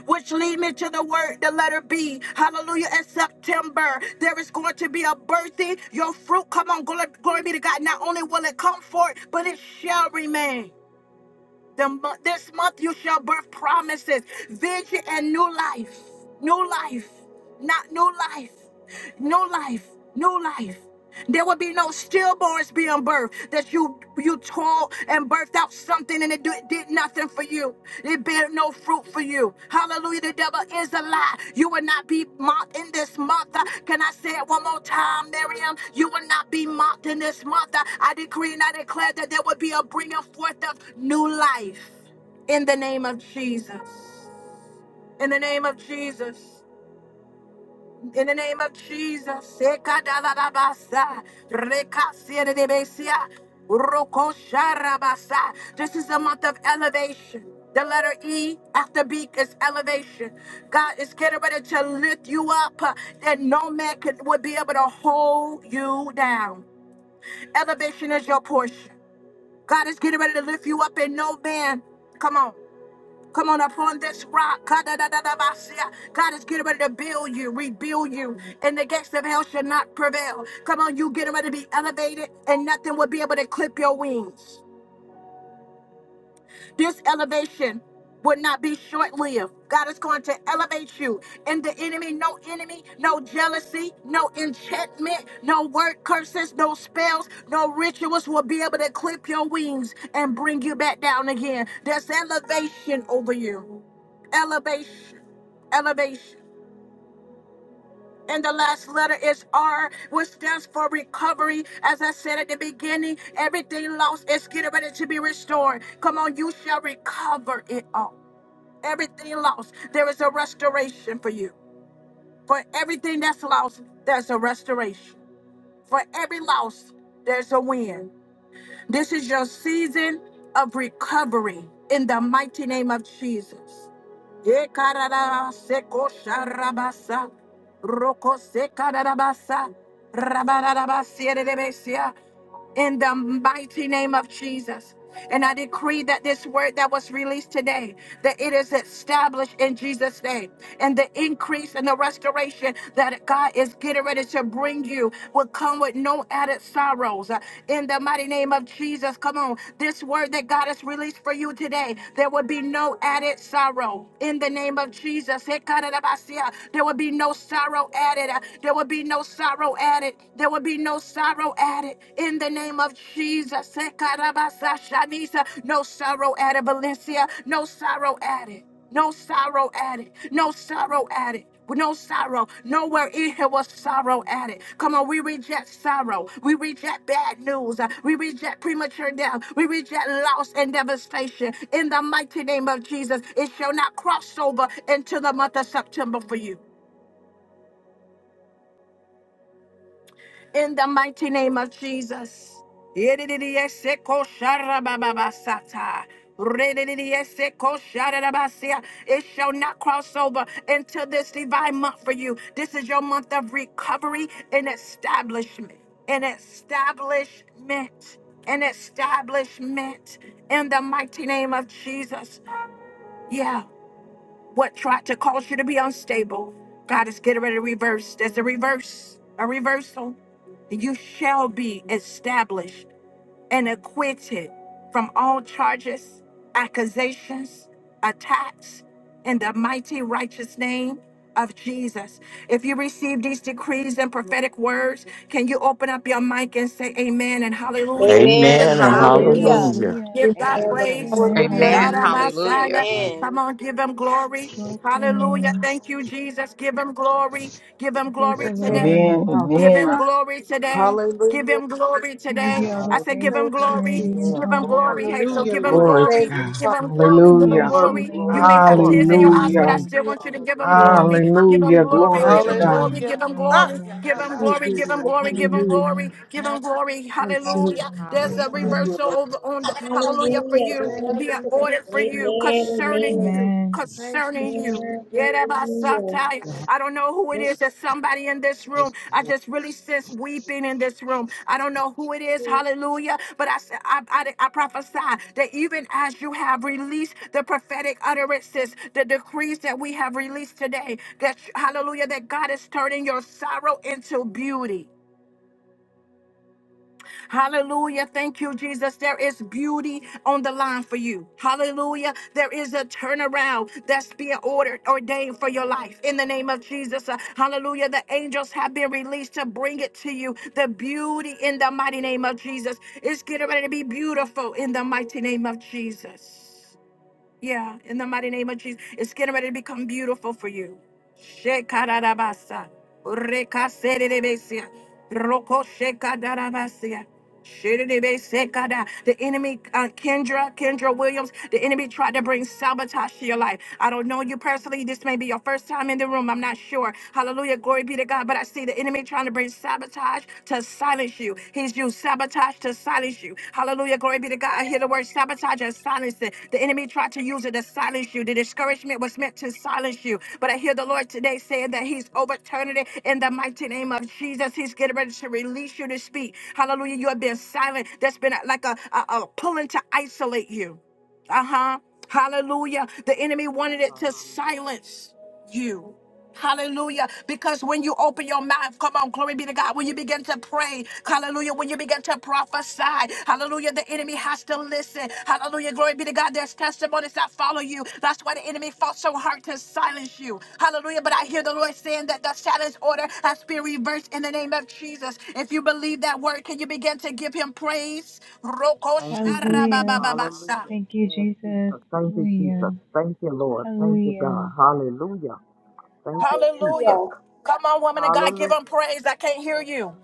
S1: which lead me to the word, the letter B. Hallelujah. In September, there is going to be a birthing. Your fruit, come on, glory, glory be to God. Not only will it come forth, but it shall remain. The, mo- this month you shall birth promises, vision, and new life. New life. Not new life. New life. New life. There will be no stillborns being birthed that you you toiled and birthed out something and it do- it did nothing for you. It bear no fruit for you. Hallelujah. The devil is a lie. You will not be mocked in this month. Uh, Can I say it one more time, Miriam? You will not be mocked in this month. Uh, I decree and I declare that there will be a bringing forth of new life in the name of Jesus. In the name of Jesus. In the name of Jesus, Sekadadadabasa, Rekasiadidibesia, Urokosharabasa. this is a month of elevation. The letter E after B is elevation. God is getting ready to lift you up uh, that no man could, would be able to hold you down. Elevation is your portion. God is getting ready to lift you up and no man. Come on. Come on, upon this rock. Kadadadadabasia. God is getting ready to build you, rebuild you, and the gates of hell shall not prevail. Come on, you getting ready to be elevated, and nothing will be able to clip your wings this elevation would not be short lived. God is going to elevate you. And the enemy, no enemy, no jealousy, no enchantment, no word curses, no spells, no rituals will be able to clip your wings and bring you back down again. There's elevation over you. Elevation, elevation. And the last letter is R, which stands for recovery. As I said at the beginning, everything lost is getting ready to be restored. Come on, you shall recover it all everything lost, there is a restoration for you. For everything that's lost, there's a restoration. For every loss, there's a win. This is your season of recovery in the mighty name of Jesus. Yekarara seko sharabasa, roko sekarabasa, rabarabasierebesia in the mighty name of Jesus. And I decree that this word that was released today, that it is established in Jesus' name. And the increase and the restoration that God is getting ready to bring you will come with no added sorrows. Uh, In the mighty name of Jesus, come on. This word that God has released for you today, there will be no added sorrow. In the name of Jesus, there will be no sorrow added. Uh, There will be no sorrow sorrow added. There will be no sorrow added in the name of Jesus. Sekarabasa shanisa. No sorrow added, Valencia. No sorrow added. No sorrow added. No sorrow added. No sorrow. Nowhere in here was sorrow added. Come on, we reject sorrow. We reject bad news. We reject premature death. We reject loss and devastation. In the mighty name of Jesus, it shall not cross over into the month of September for you. in the mighty name of Jesus. Yedididieseko sharabababasata. It shall not cross over into this divine month for you. This is your month of recovery and establishment. And establishment. And establishment in the mighty name of Jesus. Yeah. What tried to cause you to be unstable, God is getting ready to reverse. There's a reverse, a reversal. You shall be established and acquitted from all charges, accusations, attacks in the mighty righteous name of Jesus. If you receive these decrees and prophetic words, can you open up your mic and say amen and hallelujah?
S8: Amen.
S3: Amen
S1: Give
S13: Amen.
S3: and
S12: Amen and
S1: God
S15: Amen.
S5: Hallelujah.
S13: Hallelujah.
S3: hallelujah.
S1: praise.
S12: hallelujah.
S8: Hallelujah.
S15: Hallelujah.
S16: We
S1: Give God
S17: Amen. and
S8: Amen.
S17: Amen.
S1: praise.
S10: Amen.
S15: Amen.
S16: Hallelujah.
S1: Shout
S18: Amen.
S1: out
S15: Hallelujah.
S10: Hallelujah. Thank
S17: Amen.
S18: Hallelujah.
S10: you,
S1: Messiah.
S2: I
S3: Amen.
S1: Come
S10: Jesus.
S1: on, give him glory.
S15: Glory to your
S1: Hallelujah.
S15: name.
S1: Thank you, Jesus. Give him glory. Give him
S15: Praise the
S2: will
S1: glory
S16: Thank you,
S1: today.
S15: Lord.
S14: Amen.
S16: Father.
S1: Give him
S14: Amen.
S1: glory today. Give
S16: Hallelujah.
S1: him glory
S15: We give
S1: today.
S15: you all
S1: I
S15: the
S1: said,
S15: praise,
S1: give
S17: Hallelujah.
S1: him
S16: Thank you,
S1: glory.
S15: glory,
S16: Jesus.
S15: and
S17: Yeah.
S1: Give
S5: Hallelujah.
S1: him
S15: honor.
S1: glory,
S17: Glory.
S1: Hazel.
S17: Thank
S13: Hallelujah,
S1: Give
S15: Hallelujah.
S17: you,
S1: him
S13: Lord
S14: Glory to
S17: Jesus.
S16: Thank
S1: glory.
S16: you,
S14: God.
S13: Jesus.
S1: Give
S16: Father.
S1: him
S17: Thank
S8: Glory,
S17: you,
S8: glory,
S1: glory.
S17: God.
S1: Give
S8: glory,
S1: him
S15: Glory
S14: Hallelujah.
S2: eat
S15: to your
S17: Glory,
S1: glory.
S8: glory.
S15: name,
S1: You
S17: glory,
S1: may
S15: Lord
S1: have
S15: God.
S16: Oh,
S1: tears
S17: glory.
S1: in your eyes, but I
S14: Hallelujah.
S15: Hallelujah.
S1: still
S16: you are
S1: want you to
S5: Yeah.
S16: the
S1: give him
S17: Hallelujah.
S16: Spirit.
S1: glory.
S15: Hallelujah.
S1: Give him
S14: Hallelujah.
S17: Thank
S15: We
S17: you,
S1: glory.
S14: Glory
S15: praise
S1: Give
S14: to
S15: you,
S1: him
S17: Jesus.
S15: we
S1: glory.
S14: God.
S17: Thank
S16: Hallelujah.
S1: Give
S15: glorify
S1: him
S17: you.
S15: you,
S16: Ah,
S1: glory.
S15: we
S1: Give him
S2: it,
S15: magnify
S16: yarabasha.
S13: Thank
S15: you.
S1: glory.
S13: you,
S1: Give him
S13: Lord.
S1: glory. Give him
S13: Hallelujah.
S1: glory.
S15: Hallelujah.
S1: Give him
S16: Mandarabasha.
S1: glory.
S13: Bless you, Lord.
S1: Hallelujah.
S15: Hallelujah.
S1: There's
S2: it
S8: Hallelujah.
S15: We
S1: a
S2: will
S15: honor you.
S1: reversal over on the hallelujah for
S9: Hallelujah.
S1: you.
S2: go.
S1: Be
S9: Glory
S1: an
S9: to God.
S1: order for you you,
S9: Amen.
S1: concerning
S9: Amen.
S1: you,
S15: Amen.
S16: Thank you,
S1: concerning you.
S16: Jesus.
S9: Hallelujah.
S1: Yerebasataya. I don't know who it is. There's somebody in this room.
S2: This
S1: I
S2: will
S1: just really sense weeping in this room. I don't know who it is. Hallelujah. But I, s- I, I, I prophesy that even as you have released the prophetic utterances, the decrees that we have released today, that hallelujah, that God is turning your sorrow into beauty. Hallelujah. Thank you, Jesus. There is beauty on the line for you. Hallelujah. There is a turnaround that's being ordered, ordained for your life. In the name of Jesus. Uh, Hallelujah. The angels have been released to bring it to you. The beauty in the mighty name of Jesus. It's getting ready to be beautiful in the mighty name of Jesus. Yeah, in the mighty name of Jesus. It's getting ready to become beautiful for you. Shekarabasa. Rekaserebesia. Roko shekadarabasia. Shiribesekada. The enemy, uh, Kendra, Kendra Williams, the enemy tried to bring sabotage to your life. I don't know you personally. This may be your first time in the room. I'm not sure. Hallelujah. Glory be to God. But I see the enemy trying to bring sabotage to silence you. He's used sabotage to silence you. Hallelujah. Glory be to God. I hear the word sabotage and silence. it. The enemy tried to use it to silence you. The discouragement was meant to silence you. But I hear the Lord today saying that He's overturning it in the mighty name of Jesus. He's getting ready to release you to speak. Hallelujah. You have been silent. That's been like a, a a pulling to isolate you. Uh huh. Hallelujah. The enemy wanted it to
S17: Hallelujah.
S1: silence you. Hallelujah. Because when you open your mouth, come on, glory be to God. When you begin to pray, hallelujah. When you begin to prophesy, hallelujah, the enemy has to listen. Hallelujah. Glory be to God. There's testimonies that follow you. That's why the enemy fought so hard to silence you. Hallelujah. But I hear the Lord saying that the silence order has been reversed in the name of Jesus. If you believe that word, can you begin to give him praise? Roko
S17: Thank you, Jesus.
S15: Hallelujah.
S1: sharababababasa.
S17: Hallelujah.
S15: Thank you,
S17: Yes,
S15: Jesus.
S17: Jesus. Thank you, Jesus.
S15: Hallelujah.
S17: Thank you, Lord. Thank you,
S15: Hallelujah.
S17: God. Hallelujah. Thank you,
S1: Hallelujah.
S17: Jesus.
S1: Come on, woman of God, give him
S17: Hallelujah.
S1: praise. I can't hear
S17: Yes,
S1: you.
S17: God.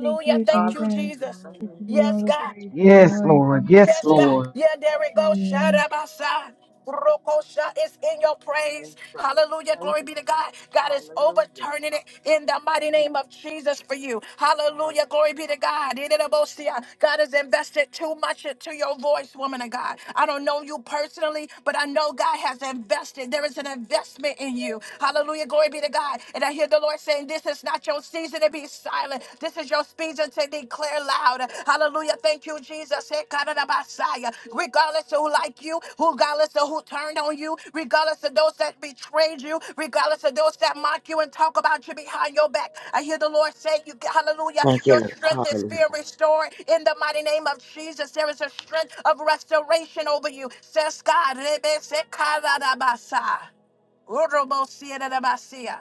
S15: Thank you,
S1: Thank you,
S15: Jesus.
S8: Hallelujah.
S17: Hallelujah.
S1: Jesus.
S17: Thank
S15: We
S17: you,
S15: give
S8: Hallelujah.
S15: you all
S1: Yes,
S17: Jesus.
S15: the
S1: God.
S15: praise and
S14: Yes,
S17: Thank,
S15: glory.
S14: Lord.
S15: Thank you,
S14: Yes,
S1: Yes,
S17: thank
S1: God.
S15: Jesus.
S17: you,
S14: Lord.
S1: Yeah,
S17: Jesus.
S1: there we go.
S15: Hallelujah.
S1: Shadabasa. Rokosha is in your
S17: Yes,
S1: praise.
S17: God.
S1: Hallelujah.
S17: Thank
S1: Glory
S17: you,
S1: be to God.
S17: Jesus.
S1: God is
S17: Hallelujah.
S1: overturning it in the mighty
S17: Thank
S1: name
S17: you,
S1: of
S17: Jesus.
S1: Jesus for you.
S17: Hallelujah.
S1: Hallelujah. Glory be to God. Ididabosia. God has invested too much into your voice, woman of God. I don't know you personally, but I know God has invested. There is an investment in you. Hallelujah. Glory be to God. And I hear the Lord saying, This is not your season to be silent. This is your speech to declare loud. Hallelujah. Thank you, Jesus. Hey, God of the Messiah. Regardless of who like you, who regardless of who turned on you, regardless of those that betrayed you, regardless of those that mock you and talk about you behind your back. I hear the Lord say, you, Hallelujah.
S17: Thank you,
S1: Your
S17: Lord.
S1: strength is
S17: Hallelujah.
S1: being restored in the mighty name of Jesus. There is a strength of restoration over you. Says God. Rebe se, God of the Messiah. Urobo siya de de Messiah.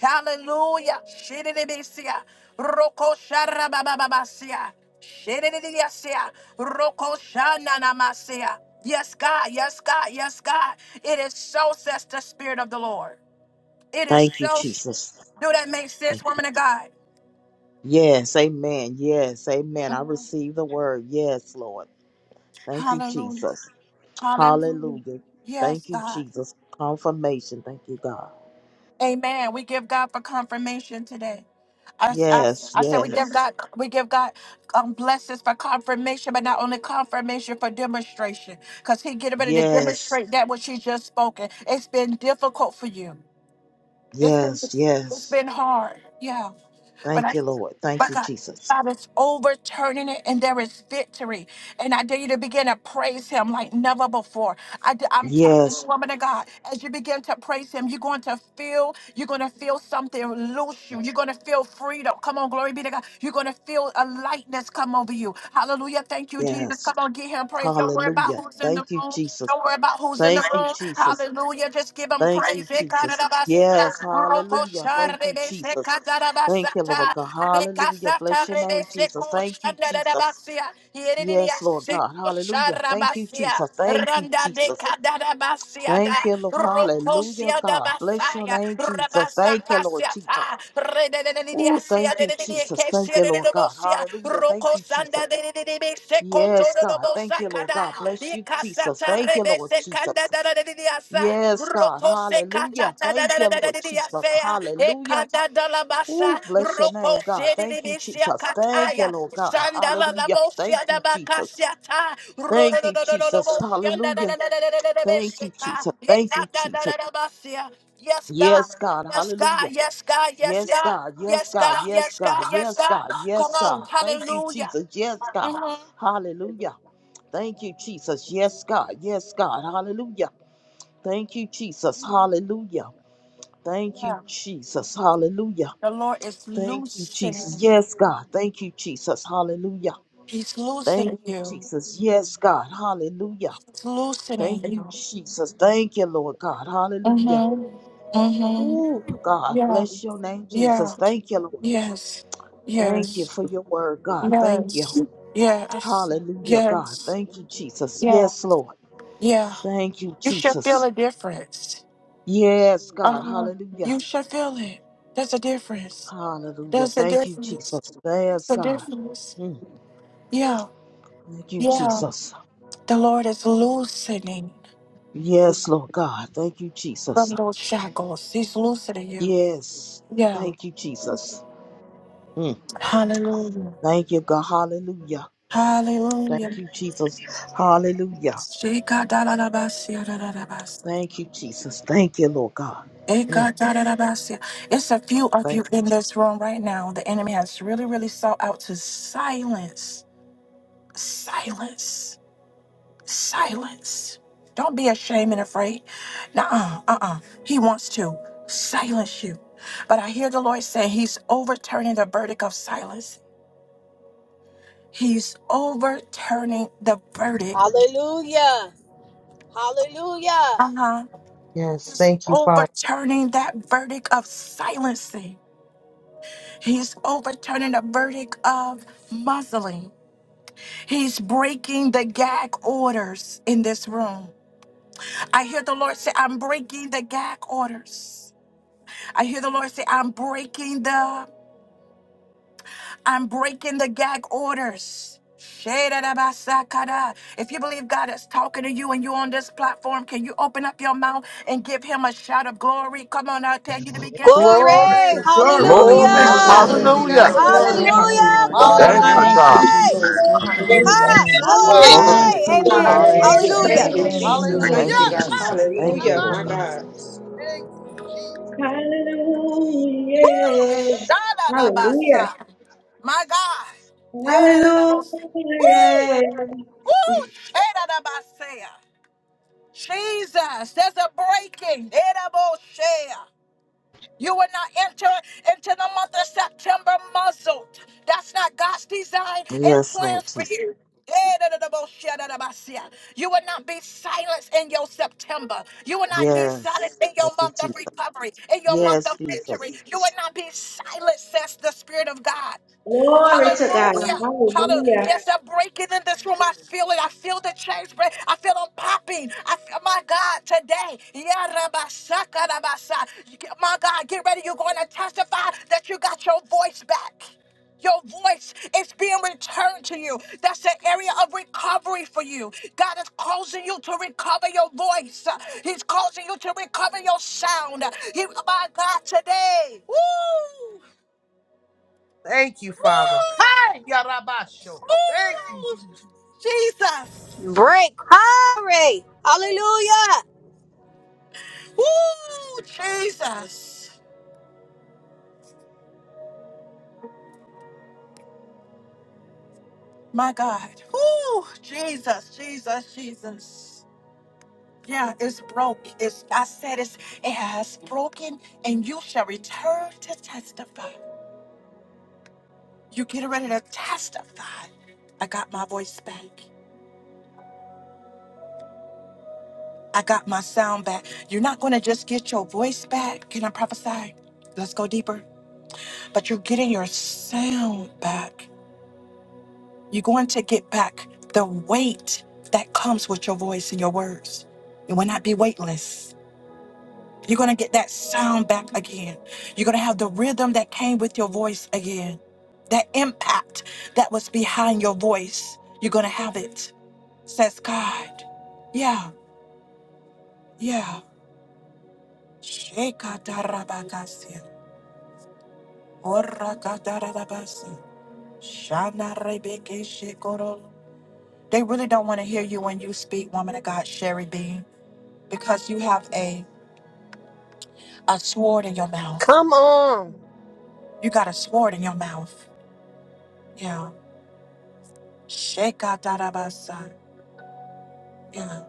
S1: Hallelujah. Shididibisia. Roko sharabababasia. Shidididiasia. Roko shananamasia. Yes, God. Yes, God. Yes, God. It is so, says the Spirit of the Lord. It is
S17: Thank you,
S1: so.
S17: Jesus.
S1: Do that make sense,
S17: Thank you.
S1: woman of God?
S17: Yes, amen. Yes, amen. I receive the word. Yes, Lord. Thank you,
S1: Hallelujah.
S17: Jesus.
S1: Hallelujah.
S17: Hallelujah.
S1: Yes,
S17: Thank you,
S1: God.
S17: Jesus. Confirmation. Thank you, God.
S1: Amen. We give God for confirmation today. I, I,
S17: Yes,
S1: I said we give
S17: yes,
S1: God we give God um, blessings for confirmation, but not only confirmation for demonstration, because He getting ready to
S17: yes,
S1: demonstrate that which He just spoken. It's been difficult for you. It's been
S17: yes,
S1: it's
S17: yes.
S1: been hard. Yeah. But I,
S17: Thank you, Lord. Thank
S1: but
S17: you,
S1: God,
S17: Jesus.
S1: God is overturning it and there is victory. And I dare you to begin to praise him like never before. I, am telling you,
S17: Yes,
S1: woman of God, as you begin to praise him, you're going to feel, you're going to feel something loose you. You're going to feel freedom. Come on, glory be to God. You're going to feel a lightness come over you. Hallelujah. Thank you, Jesus.
S17: yes.
S1: Come on, give him praise. Don't worry about
S17: Hallelujah.
S1: who's in the
S17: Thank you,
S1: room.
S17: Jesus.
S1: Don't worry about who's in the
S17: Thank you,
S1: room.
S17: Jesus.
S1: Hallelujah. Just give him
S17: Thank you,
S1: praise.
S17: Jesus. Yes, hallelujah.
S1: Rocosha
S17: Thank you,
S1: rebese
S17: Jesus. Thank you, Lord
S1: cadarabasata,
S17: God. Hallelujah.
S1: recasata
S17: Bless your name,
S1: rebese
S17: Jesus. Thank you, Jesus.
S1: cosandarabasia, yerenia
S17: Yes, Lord God. Hallelujah. Thank you,
S1: secosarabasia,
S17: Jesus. Thank you,
S1: randa de
S17: Jesus.
S1: cadarabasia
S17: Thank
S1: da,
S17: you, Lord. Hallelujah,
S1: rocosia da
S17: God. Bless your
S1: basaya,
S17: name, Jesus. Thank you, Lord Jesus.
S1: rabasacasiata, redenia
S17: Oh,
S1: sea
S17: thank
S1: de
S17: you,
S1: de
S17: Jesus. Thank
S1: kesia
S17: you,
S1: de de
S17: Lord God.
S1: nobosia,
S17: Hallelujah. Thank you, Jesus.
S1: rocosanda de de de rebese
S17: Yes,
S1: cotoro
S17: God. Thank you, Lord God. Bless you, Jesus. Thank
S1: nobosacada,
S17: you, Lord
S1: Mesekanda
S17: Jesus.
S1: da da da da da sa.
S17: Yes, God.
S1: Roko sekata
S17: Hallelujah.
S1: da da
S17: Thank you,
S1: da da da
S17: Lord
S1: da da
S17: Jesus.
S1: sa.
S17: Hallelujah.
S1: Ekata da la basa.
S17: Ooh, bless your
S1: Roko
S17: name, God.
S1: se
S17: Thank you, Jesus. Thank you,
S1: kataya.
S17: Lord God.
S1: Sanda la la
S17: Hallelujah.
S1: bosia
S17: Thank
S1: da
S17: you, Jesus.
S1: bakasia ta. Ro do
S17: Thank
S1: do
S17: you,
S1: do do do do
S17: Jesus.
S1: bosia da da da
S17: Hallelujah.
S1: da da da da da da
S17: Thank you,
S1: besika.
S17: Jesus. Thank you,
S1: Ekata da
S17: Jesus.
S1: da da basia. Yes God.
S17: Yes, God.
S1: Yes God.
S17: Hallelujah.
S1: Yes God. Yes
S17: Yes,
S1: God.
S17: God. Yes,
S1: Yes
S17: God.
S1: God.
S17: Yes,
S1: Yes God.
S17: God.
S1: Yes
S17: Yes,
S1: God.
S17: God.
S1: Come
S17: Yes,
S1: on.
S17: God. Thank you,
S1: Hallelujah.
S17: Jesus. Yes, God.
S1: Mhm.
S17: Hallelujah. Thank you, Jesus. Yes, God. Yes, God. Hallelujah. Thank you, Jesus. Hallelujah. Thank you,
S1: Yeah.
S17: Jesus. Hallelujah.
S1: The Lord is
S17: Thank you,
S1: loosing.
S17: Jesus. Yes, God. Thank you, Jesus. Hallelujah.
S1: He's
S17: Thank
S1: loosening
S17: you,
S1: you.
S17: Jesus. Yes, God. Hallelujah.
S1: It's loosening
S17: Thank you,
S1: you.
S17: Jesus. Thank you, Lord God. Hallelujah.
S1: Mm-hmm. Mm-hmm.
S17: Ooh, God,
S1: Yeah.
S17: bless your name,
S1: Yeah.
S17: Jesus. Thank you, Lord.
S1: Yes.
S17: Thank you
S1: Yes.
S17: for your word, God. Thank you. Hallelujah, God. Thank you, Jesus. Yes, Lord. Thank you, Jesus. Yes, God. Hallelujah. Hallelujah. Thank you, Jesus. Yes, God. Mm. Thank you, Jesus. Yes, Lord God. Thank you, Jesus. Yes. Thank you, Jesus. Mm.
S1: Hallelujah.
S17: Thank you, God. Hallelujah.
S1: Hallelujah.
S17: Thank you, Jesus. Hallelujah.
S1: Shikadalalabasia-dadadabas.
S17: Thank you, Jesus. Thank you, Lord God. Mm.
S1: Ekadadadabasia. It's a few of you
S17: Thank you.
S1: in this room right now. The enemy has really, really sought out to silence, silence Silence. Don't be ashamed and afraid. Nuh-uh, uh-uh. He wants to silence you. But I hear the Lord saying he's overturning the verdict of silence. He's overturning the verdict.
S3: Hallelujah. Hallelujah.
S1: Uh-huh.
S16: Yes, thank you, Father.
S1: Overturning that verdict of silencing. He's overturning the verdict of muzzling. He's breaking the gag orders in this room. I hear the Lord say, I'm breaking the gag orders. I hear the Lord say, I'm breaking the, I'm breaking the gag orders. Shedadabasakada. If you believe God is talking to you and you're on this platform, can you open up your mouth and give him a shout of glory? Come on, I
S2: be
S1: tell you to
S2: glory.
S1: begin to give him a
S2: Hallelujah.
S5: family,
S3: Glory.
S5: Yeah.
S16: Glory.
S5: Hallelujah. Yeah.
S13: Glory,
S8: Glory,
S5: Hallelujah.
S12: Glory.
S15: Hallelujah.
S8: glory,
S13: hallelujah,
S3: Hallelujah.
S8: glory,
S2: thank
S11: Hallelujah,
S15: Glory
S8: glory,
S15: to
S13: Lord.
S12: Hallelujah.
S15: God.
S16: Hallelujah.
S19: God
S15: Praise
S11: Jesus.
S15: the
S13: Glory,
S8: glory,
S11: Thank you,
S3: Hallelujah.
S15: Lord.
S13: hallelujah,
S11: Lord God.
S19: is
S5: Yeah.
S15: Hallelujah.
S12: Thank
S3: Glory.
S12: you,
S19: man.
S15: Thank
S8: glory.
S11: Thank you,
S16: Hallelujah.
S12: God.
S15: you,
S13: Thank you,
S15: Jesus.
S13: Lord.
S11: Jesus. Thank you,
S13: Hallelujah.
S16: Thank
S3: Ha.
S15: Hallelujah.
S11: Jesus.
S16: you,
S15: Thank you.
S17: Glory
S16: Father.
S17: to
S11: Thank
S17: God.
S3: Glory.
S11: you,
S3: Amen.
S15: Hallelujah.
S10: Hallelujah.
S11: Jesus.
S17: Hallelujah.
S10: Thank
S3: Hallelujah.
S17: Thank
S10: you,
S17: you,
S9: Hallelujah.
S10: Jesus.
S17: Jesus.
S15: Hallelujah.
S16: Hallelujah.
S10: Thank
S17: Thank
S10: you,
S15: Thank
S17: you,
S15: you,
S10: God.
S16: Ah,
S11: Yadabashiandidibisi.
S17: Jesus.
S15: Jesus.
S17: Thank
S11: Thank
S17: you,
S10: Hallelujah,
S11: you,
S16: yarabasha.
S10: my
S17: Lord God.
S15: Hallelujah.
S10: God.
S11: Jesus.
S16: Thank you, Jesus.
S9: Hallelujah.
S1: Woo!
S9: Hallelujah. Hallelujah.
S1: Shadalabasa. My God.
S9: Hallelujah.
S1: Shedadabos- Woo! Woo! Shedadabasea. Jesus, there's a breaking. Shedabosea. You will not enter into the month of September muzzled. That's not God's design and
S17: Yes,
S1: plans
S17: Lord
S1: for
S17: Jesus.
S1: you. You will not be silenced in your September. You will not be silent
S17: Yes.
S1: in your
S17: Thank you,
S1: month of
S17: Jesus.
S1: recovery, in your month
S17: Yes,
S1: of victory.
S17: Jesus.
S1: You will not be silenced, says the Spirit of God.
S9: Glory to God.
S1: Hallelujah. Hallelujah.
S9: Hallelujah.
S1: There's a breaking in this room. I feel it. I feel the change. break. I feel them popping. I feel my God today. Yeah, Rabba Shaka, Rabba Sha- You get- My God, get ready. You're going to testify that you got your voice back. Your voice is being returned to you. That's the area of recovery for you. God is causing you to recover your voice. He's causing you to recover your sound. He, my God, today. Woo!
S16: Thank you, Father. Hey,
S1: Woo!
S16: Yarabasho. Thank you,
S1: Ooh,
S16: Jesus.
S1: Jesus.
S3: Break. Glory. Hallelujah.
S1: Ooh, Jesus. My God. Ooh, Jesus, Jesus, Jesus. Yeah, it's broke. It's I said it's it has broken, and you shall return to testify. You get ready to testify. I got my voice back. I got my sound back. You're not gonna just get your voice back. Can I prophesy? Let's go deeper. But you're getting your sound back. You're going to get back the weight that comes with your voice and your words. You will not be weightless. You're going to get that sound back again. You're going to have the rhythm that came with your voice again. That impact that was behind your voice, you're going to have it, says God. Yeah, yeah. Shekatarabakasi, orakatarabasi, shanarebekeshikoro. They really don't want to hear you when you speak, woman of God, Sherry B. because you have a, a sword in your mouth.
S3: Come on.
S1: You got a sword in your mouth. Yeah. Shekadadabasa. Yeah.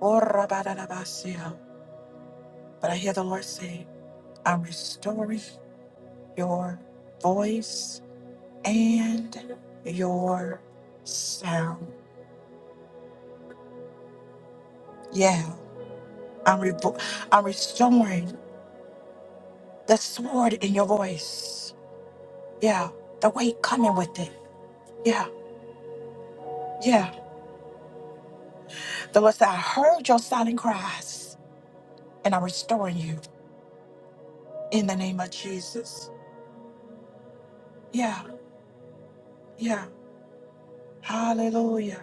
S1: Orabadadabasa. But I hear the Lord say, I'm restoring your voice and your sound. Yeah. I'm, revo- I'm restoring the sword in your voice. Yeah. The weight coming with it. Yeah. Yeah. The Lord said, I heard your silent cries. and I'm restoring you in the name of Jesus. Yeah, yeah. Hallelujah.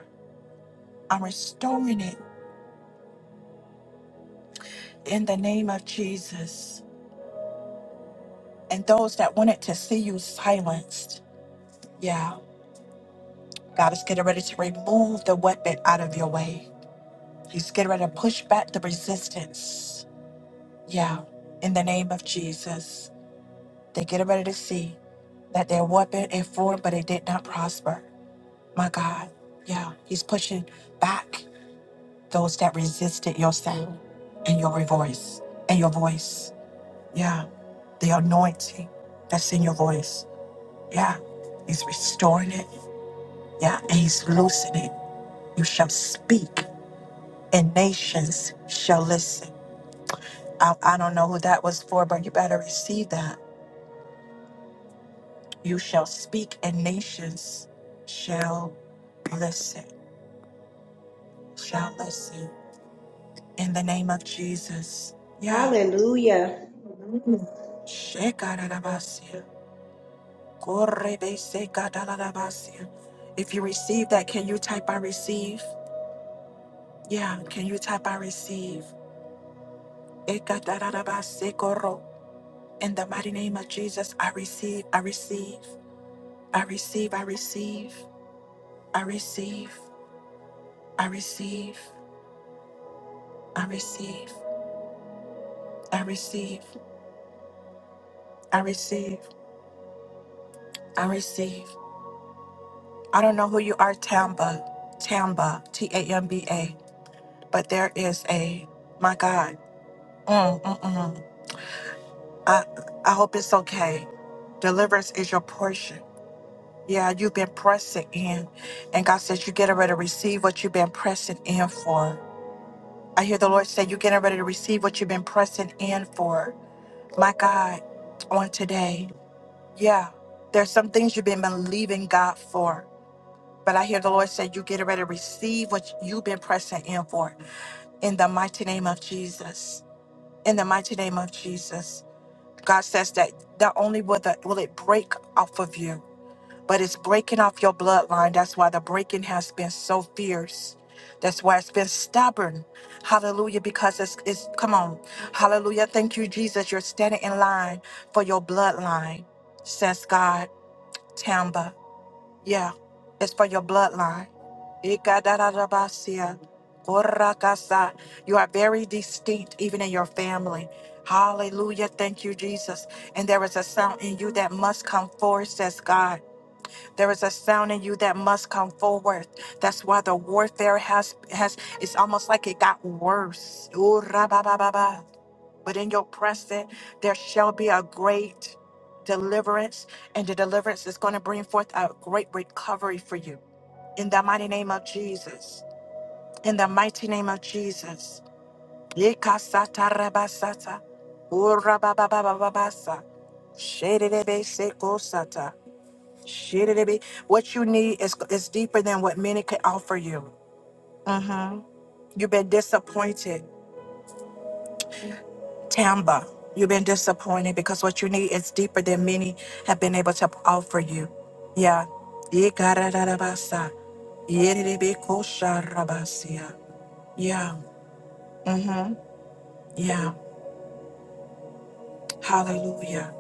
S1: I'm restoring it in the name of Jesus. And those that wanted to see you silenced, yeah, God is getting ready to remove the weapon out of your way. He's getting ready to push back the resistance. Yeah, in the name of Jesus. They're getting ready to see that their weapon is formed, but it did not prosper. My God. Yeah, he's pushing back those that resisted your sound and your voice and your voice. Yeah. The anointing that's in your voice. Yeah. He's restoring it. Yeah. And he's loosening. You shall speak and nations shall listen. I, I don't know who that was for, but you better receive that. You shall speak and nations shall listen. Shall listen. In the name of Jesus. Yeah.
S9: Hallelujah.
S1: Shekarabasi. Korrebesekadalalabasia. If you receive that, can you type I receive? Yeah, can you type I receive? Ekadalalabasekoro. In the mighty name of Jesus, I receive, I receive, I receive, I receive, I receive, I receive, I receive, I receive, I receive, I receive. I don't know who you are, Tamba, Tamba, T A M B A, but there is a, my God, Mm mm mm. I, I hope it's okay. Deliverance is your portion. Yeah, you've been pressing in. And God says you're getting ready to receive what you've been pressing in for. I hear the Lord say you're getting ready to receive what you've been pressing in for. My God, on today. Yeah, there's some things you've been believing God for. But I hear the Lord say you're getting ready to receive what you've been pressing in for. In the mighty name of Jesus. In the mighty name of Jesus. God says that not only will, the, will it break off of you, but it's breaking off your bloodline. That's why the breaking has been so fierce. That's why it's been stubborn. Hallelujah. Because it's, it's come on. Hallelujah. Thank you, Jesus. You're standing in line for your bloodline, says God, Tamba. Yeah, it's for your bloodline. Ikadarabasia, korakasa. You are very distinct, even in your family. Hallelujah. Thank you, Jesus. And there is a sound in you that must come forth, says God. There is a sound in you that must come forward. That's why the warfare has has it's almost like it got worse. Ooh, ra-ba-ba-ba-ba. But in your present, there shall be a great deliverance, and the deliverance is going to bring forth a great recovery for you. In the mighty name of Jesus. In the mighty name of Jesus. Yikasata rabasata. Ooh, ra ba ba ba ba ba sa Shedebe sekosata. Shitty-dibby. What you need is, is deeper than what many can offer you. hmm You've been disappointed, Tamba. You've been disappointed because what you need is deeper than many have been able to offer you. Yeah. Yikararabasa. Yididibikosharabasiya. Yeah. hmm Yeah. Hallelujah.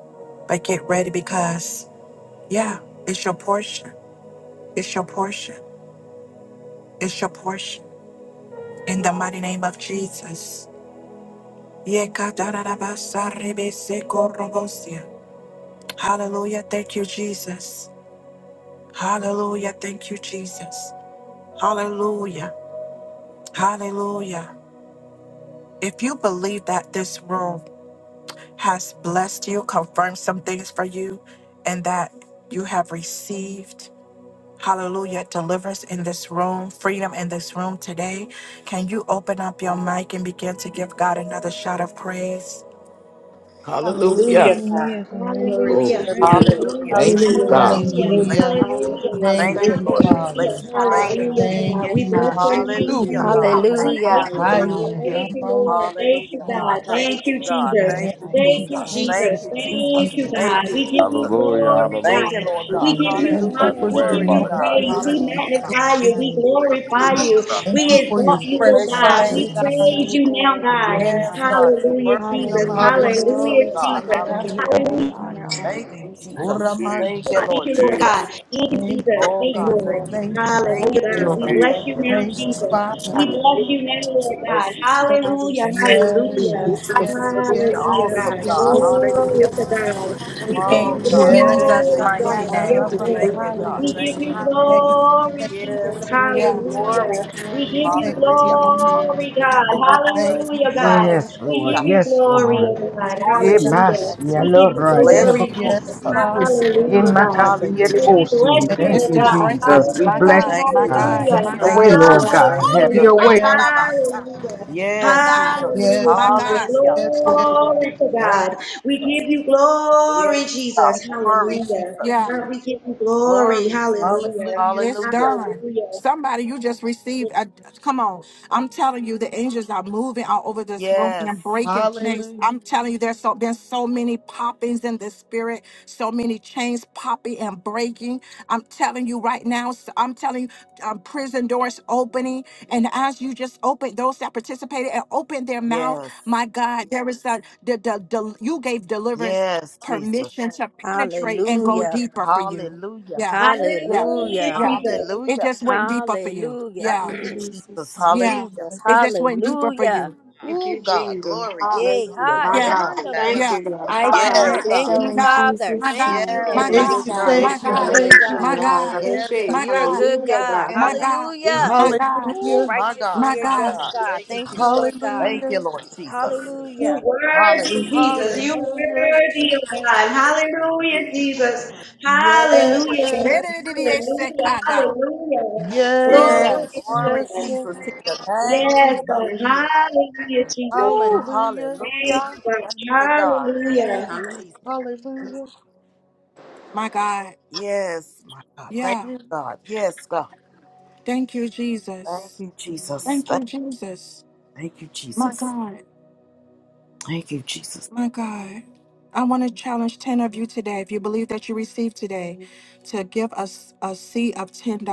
S1: But get ready because, yeah, it's your portion. It's your portion. It's your portion. In the mighty name of Jesus. Yekatarabasaribiseko-robosia. Hallelujah. Thank you, Jesus. Hallelujah. Thank you, Jesus. Hallelujah. Hallelujah. If you believe that this room has blessed you, confirmed some things for you, and that you have received, hallelujah, deliverance in this room, freedom in this room today, can you open up your mic and begin to give God another shout of praise?
S12: Hallelujah.
S13: Hallelujah, God.
S15: Hallelujah. Glory be
S13: Glory
S15: to
S13: to
S9: Hallelujah.
S12: Glory.
S13: your
S15: God. Thank
S13: name,
S15: you,
S13: Lord.
S17: Hallelujah.
S9: Hallelujah.
S12: Thank
S15: Jesus.
S17: Thank
S12: you,
S13: Hallelujah,
S17: you,
S13: God.
S12: God.
S17: Jesus.
S9: Hallelujah.
S13: Thank
S15: Hallelujah.
S17: Bless-
S13: you,
S16: Hallelujah.
S13: God.
S15: Thank you,
S9: Hallelujah.
S10: Hallelujah.
S16: Thank
S17: Thank
S10: Thank
S17: you,
S16: you,
S15: Jesus,
S10: you,
S17: Lord.
S13: Hallelujah.
S10: Jesus.
S15: for
S9: Hallelujah,
S17: Bless
S16: Father.
S17: you.
S15: deliverance.
S17: Thank you.
S10: Hallelujah.
S9: hallelujah,
S16: Thank
S15: Hallelujah.
S9: God. We
S10: Yes,
S16: you,
S9: bless
S10: God.
S15: Glory
S9: your
S10: Thank
S15: be
S10: you,
S15: to
S9: name,
S16: Yeshua.
S15: your
S17: Hallelujah,
S10: Jesus,
S15: name,
S9: Jesus.
S10: my
S15: Lord
S17: God. Thank
S15: God.
S10: God.
S9: We thank
S3: Hallelujah.
S9: you,
S15: For all
S9: God.
S16: Hiya,
S15: and
S10: Hallelujah.
S9: Thank
S15: praise
S9: you,
S15: to you,
S16: Ramo,
S9: Lord.
S15: Lord
S9: Thank
S15: God.
S9: you,
S17: Hallelujah,
S16: Father.
S17: God.
S9: God.
S15: Hallelujah.
S9: Thank
S17: Thank you,
S9: you,
S15: We
S17: God.
S9: Jesus.
S17: Thank you,
S15: magnify you,
S16: Thank you,
S15: we
S9: Thank you,
S17: Jesus.
S15: exalt
S16: thank
S15: you,
S9: Jesus.
S16: you,
S17: Thank you,
S15: Jesus.
S16: thank
S15: Thank
S9: Thank
S16: you,
S17: Jesus.
S15: you,
S9: you,
S15: Lord
S16: thank
S9: God.
S17: Thank
S16: you.
S17: you,
S15: God.
S9: We give
S17: Jesus.
S9: you
S19: Hallelujah. Hallelujah.
S15: Hallelujah.
S9: glory,
S17: Thank you,
S9: God.
S15: Glory
S19: Hallelujah.
S15: to
S17: Lord
S15: your
S19: Thank
S9: We
S17: God.
S19: you,
S15: name,
S9: give
S15: Lord
S9: you
S19: Jesus.
S16: Thank
S15: God.
S16: you
S17: Hallelujah.
S19: Have
S9: honor.
S19: your
S16: for the
S9: We
S15: We
S19: way,
S17: Glory
S9: give
S15: give you
S17: to
S9: you
S15: all
S19: Father
S15: the
S17: God.
S19: God.
S16: anointing.
S9: praise.
S15: praise
S17: Hallelujah.
S9: We
S15: and all the
S9: magnify
S15: glory.
S9: you. We
S15: Hallelujah.
S9: glorify
S15: Thank
S19: Jesus.
S15: you,
S9: you.
S16: Thank
S9: We
S15: Jesus.
S16: you for your
S9: exalt
S15: Hallelujah.
S9: you, oh
S16: fresh
S15: We
S17: Bless your
S15: lift
S20: In
S9: God.
S16: fire,
S15: up
S17: name,
S15: your
S9: We
S20: Jesus'
S17: Jesus.
S16: God.
S15: name,
S20: name,
S9: praise
S20: we
S15: Lord.
S9: you now,
S20: glorify
S15: You
S9: God.
S20: you,
S15: are
S16: Thank
S15: worthy
S17: Yes,
S15: to
S16: you.
S20: Father.
S17: God.
S15: be
S17: You're
S15: praised.
S9: Hallelujah,
S17: worthy
S9: Jesus.
S17: of our
S15: Hallelujah.
S20: Hallelujah.
S16: Hallelujah.
S17: praise, oh
S9: Hallelujah,
S20: Glory
S15: Hallelujah.
S20: to your
S17: God.
S20: name.
S9: Jesus.
S20: We
S15: Glory
S20: give
S15: be
S20: you
S15: to
S17: Hallelujah.
S20: all
S15: God.
S20: the
S9: Hallelujah.
S20: honor, all
S15: Hallelujah.
S20: the
S17: Thank you,
S15: Thank
S20: praise,
S15: you,
S20: and
S19: Thank
S20: all
S19: you,
S20: the
S15: Jesus.
S17: Jesus.
S19: Jesus.
S20: worship.
S17: Thank
S9: I
S17: you,
S19: Thank you,
S9: thank
S17: Lord
S9: you, Lord
S19: Jesus.
S17: Jesus.
S9: God.
S19: Thank
S9: Thank you,
S16: Thank
S9: Jesus.
S16: you,
S17: Oh
S9: Thank you,
S16: thank
S17: God,
S16: you,
S17: thank
S9: Lord.
S17: you.
S16: thank you,
S17: Thank
S21: Lord,
S9: Hallelujah,
S17: you,
S9: God.
S19: you,
S17: Jesus.
S9: We
S21: I
S19: Jesus.
S9: bless
S17: Thank
S9: you
S17: you,
S9: now,
S17: Lord.
S16: thank you,
S9: Jesus.
S16: Father.
S9: We
S21: Thank
S9: bless you
S21: you.
S9: now, Lord
S17: Bless
S9: God.
S17: you,
S20: That
S17: Jesus.
S20: I
S9: Hallelujah,
S20: receive it
S16: Yes,
S20: in
S21: for the
S9: hallelujah.
S21: gift of
S16: yes,
S20: Jesus' name.
S17: Hallelujah.
S16: yes,
S9: Hallelujah,
S16: yes,
S20: Blessings
S9: God.
S17: Awesome
S16: yes.
S20: to my
S17: God.
S21: life,
S20: Father.
S9: Glory
S17: Hallelujah.
S9: to God. We give
S1: In
S9: you
S17: Oh God.
S20: Glory to
S17: Thank you,
S16: Yes,
S1: Jesus'
S20: God.
S9: glory,
S17: Jesus.
S1: mighty
S17: Thank
S9: God.
S20: Yes,
S17: you,
S1: name.
S9: Yes,
S21: for
S17: Lord.
S16: Yarama,
S21: the
S20: Lord.
S17: Thank you,
S9: Lord.
S17: God.
S9: We
S21: earth,
S17: Thank
S20: Hallelujah.
S9: give
S17: you.
S9: you
S16: thank you,
S20: Hallelujah.
S16: thank
S9: glory,
S16: you,
S17: Yes,
S9: Jesus.
S16: thank you,
S17: we give you
S1: Yeah.
S20: Glory to God.
S17: glory.
S9: Hallelujah.
S17: Jesus.
S9: We
S20: Praise
S9: give
S20: and
S9: you
S16: thank
S17: Hallelujah.
S16: you,
S20: worship.
S9: glory,
S17: Thank
S20: I
S9: God.
S17: you,
S20: Give
S17: God.
S20: you all
S16: thank
S20: the
S17: Thank you,
S16: you,
S9: Hallelujah,
S20: honor,
S9: God.
S20: God.
S17: Lord.
S16: Father.
S14: Yes,
S9: We
S14: Lord.
S17: Hallelujah.
S9: give you
S14: Yes,
S9: glory,
S20: All
S14: Lord.
S20: the
S9: oh God.
S17: Glory
S16: Yes,
S20: praise,
S16: God.
S17: to your
S9: Hallelujah.
S20: Jesus.
S9: We
S17: name,
S9: give you
S17: Jesus.
S14: Yebashiyalora
S17: Bless
S9: glory,
S17: you,
S9: Jesus.
S16: yes,
S14: delabakosi.
S17: Jesus.
S21: and
S16: Father.
S21: the
S9: Hallelujah, God. Oh,
S17: Hallelujah.
S9: we
S14: Yemakasiyelibosi.
S9: bless you,
S1: It's
S14: Thank
S9: oh
S14: you,
S1: still
S16: Yes,
S9: God.
S14: Jesus.
S1: breaking.
S14: We
S1: My
S14: bless you,
S9: Hallelujah,
S1: God,
S17: Thank
S1: my
S17: you,
S14: God.
S1: God,
S14: Have
S17: Jesus.
S1: my
S9: hallelujah.
S14: your
S17: Thank
S14: way,
S17: you,
S1: God,
S16: yes,
S1: my
S14: Lord
S17: Lord.
S16: Holy
S1: God.
S14: God.
S17: Thank
S1: Oh,
S17: you,
S9: Hallelujah,
S14: Have
S16: Spirit.
S14: your
S17: God.
S9: Lord.
S1: my
S14: way.
S16: Yes,
S1: God,
S9: Hallelujah.
S1: my
S17: Yes,
S1: God,
S17: Jesus.
S9: Hallelujah,
S16: yes,
S1: my
S9: Jesus.
S1: God.
S16: yes,
S17: Hallelujah.
S16: yes, yes, yes.
S9: Glory to
S17: Thank
S9: God.
S17: you,
S9: We
S17: Jesus.
S9: give you
S16: Thank you,
S9: glory,
S17: Yes, God.
S16: thank
S9: Jesus.
S16: you,
S17: Glory,
S16: thank you,
S9: Hallelujah.
S17: Jesus.
S1: Yeah,
S16: thank you.
S9: God, we give you glory.
S17: Glory, Jesus.
S9: Hallelujah.
S16: Hallelujah,
S1: It's
S17: Hallelujah.
S1: done.
S9: Hallelujah.
S1: Somebody, you just received. A, come on. I'm telling you, the angels are moving all over this room
S17: Yes.
S1: and breaking chains.
S16: hallelujah.
S1: I'm telling you, there's so, been so many poppings in the spirit, so many chains popping and breaking. I'm telling you right now, so I'm telling you, um, prison doors opening. And as you just open, those that participated and opened their mouth,
S17: Yes.
S1: my God, there is a, the, the, the, you gave deliverance
S17: Yes, Jesus.
S1: permission to penetrate and go
S3: Hallelujah.
S1: deeper for you.
S17: Hallelujah.
S1: Yeah. yeah.
S9: Hallelujah,
S3: Hallelujah.
S1: Yeah.
S9: Jesus.
S1: It
S17: Hallelujah.
S1: just went deeper for you.
S3: Hallelujah.
S17: Thank
S1: Yeah.
S20: In
S17: you, Jesus.
S20: Jesus' name.
S1: Yeah.
S17: Hallelujah.
S3: Jesus,
S1: It just went deeper for
S3: hallelujah.
S1: you.
S10: Thank
S17: Oh,
S10: you,
S17: God.
S10: Jesus.
S17: Glory,
S3: Yay,
S17: Jesus.
S10: Hallelujah,
S3: hi,
S10: my
S17: Glory
S1: Yeah.
S17: to
S10: God.
S17: your
S3: yemando de
S17: name.
S3: la
S10: Thank
S1: Yeah.
S10: you,
S3: bosa.
S10: God.
S20: I
S1: My
S20: count
S1: God.
S17: Yes,
S20: it
S17: God.
S3: Thank
S20: so
S10: Hallelujah.
S3: you,
S1: My
S20: in
S1: God.
S3: Father.
S1: My
S20: Jesus'
S3: Thank
S1: God.
S20: name.
S3: you,
S17: Yes,
S1: My
S20: It
S3: Lord.
S17: thank
S16: Thank
S20: is
S1: God.
S10: Jesus,
S16: you,
S17: you,
S10: God.
S20: done.
S16: thank
S17: Father.
S1: My
S3: You're a
S16: you,
S1: God.
S17: Thank
S3: good
S16: thank
S17: you,
S20: Hallelujah.
S16: you,
S1: My
S3: God.
S16: thank
S17: Jesus.
S16: you,
S1: God.
S16: thank
S17: Yes,
S16: you.
S1: My
S17: God.
S3: You're a
S1: God.
S3: good
S10: Hallelujah,
S3: God.
S10: God.
S17: Yes,
S1: My
S10: Thank
S17: God.
S1: God.
S10: you,
S3: Hallelujah.
S1: My
S10: Jesus.
S1: God.
S3: You're
S17: Ooh,
S16: Hallelujah,
S17: my
S3: righteous and
S17: God,
S1: My
S3: you're
S17: my
S1: God.
S3: just
S17: God.
S3: God.
S17: Thank you,
S3: Thank
S17: Jesus.
S3: you, Lord God.
S17: Thank
S16: hallelujah,
S17: you, Lord Jesus.
S3: Hallelujah.
S9: You're worthy,
S17: Hallelujah.
S9: Jesus.
S17: Thank
S9: You're
S16: Hallelujah.
S9: worthy, oh God. Hallelujah, Jesus.
S16: Yes.
S9: Hallelujah,
S16: Yes.
S9: God. Hallelujah. Hallelujah.
S17: you. Yes,
S9: Glory
S16: Yes.
S1: Jesus.
S9: to
S17: glory,
S9: God.
S16: yes.
S17: Jesus, to your name,
S9: Yes,
S17: Jesus.
S9: God. Hallelujah, Jesus.
S17: Ooh,
S16: Hallelujah.
S9: Thank
S17: hallelujah.
S9: you, God.
S17: Thank you, God. Thank
S9: Hallelujah.
S17: you,
S5: Hallelujah.
S17: Jesus.
S16: Hallelujah.
S1: My God.
S17: Yes, my God. Thank
S1: Yeah.
S17: you, God. Yes, God.
S1: Thank you,
S17: Thank
S1: Jesus.
S17: you, Jesus.
S1: Thank
S17: Thank,
S1: you, Jesus.
S17: thank you,
S1: My
S17: Jesus.
S1: God.
S17: Thank you, Jesus.
S1: My God, I want to challenge 10 of you today. If you believe that you received today, to give us a seed of $10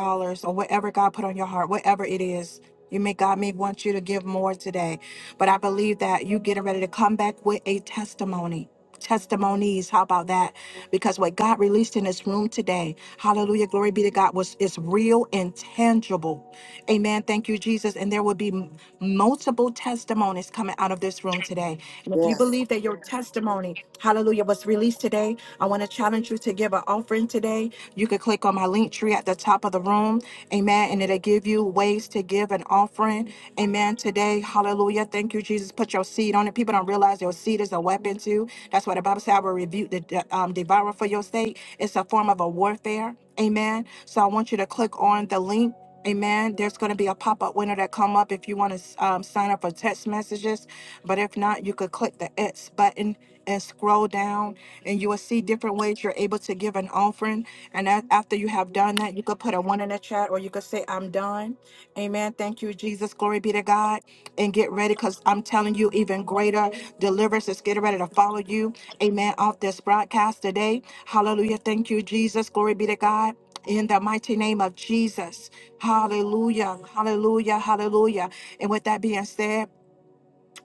S1: or whatever God put on your heart, whatever it is. You may, God may want you to give more today, but I believe that you getting ready to come back with a testimony. Testimonies, how about that? Because what God released in this room today, hallelujah, glory be to God, was is real and tangible. Amen. Thank you, Jesus. And there will be m- multiple testimonies coming out of this room today. And if you
S17: Yes,
S1: believe that your testimony, hallelujah, was released today, I want to challenge you to give an offering today. You can click on my link tree at the top of the room. Amen. And it'll give you ways to give an offering. Amen. Today, hallelujah. Thank you, Jesus. Put your seed on it. People don't realize your seed is a weapon too. That's why the Bible said I will rebuke the um, devourer for your sake. It's a form of a warfare. Amen. So I want you to click on the link. Amen. There's going to be a pop-up window that come up if you want to um, sign up for text messages but if not, you could click the X button and scroll down, and you will see different ways you're able to give an offering. And a- after you have done that, you could put a one in the chat or you could say, I'm done. Amen. Thank you, Jesus. Glory be to God. And get ready because I'm telling you, even greater deliverance is getting ready to follow you. Amen. Off this broadcast today. Hallelujah. Thank you, Jesus. Glory be to God. In the mighty name of Jesus. Hallelujah. Hallelujah. Hallelujah. And with that being said,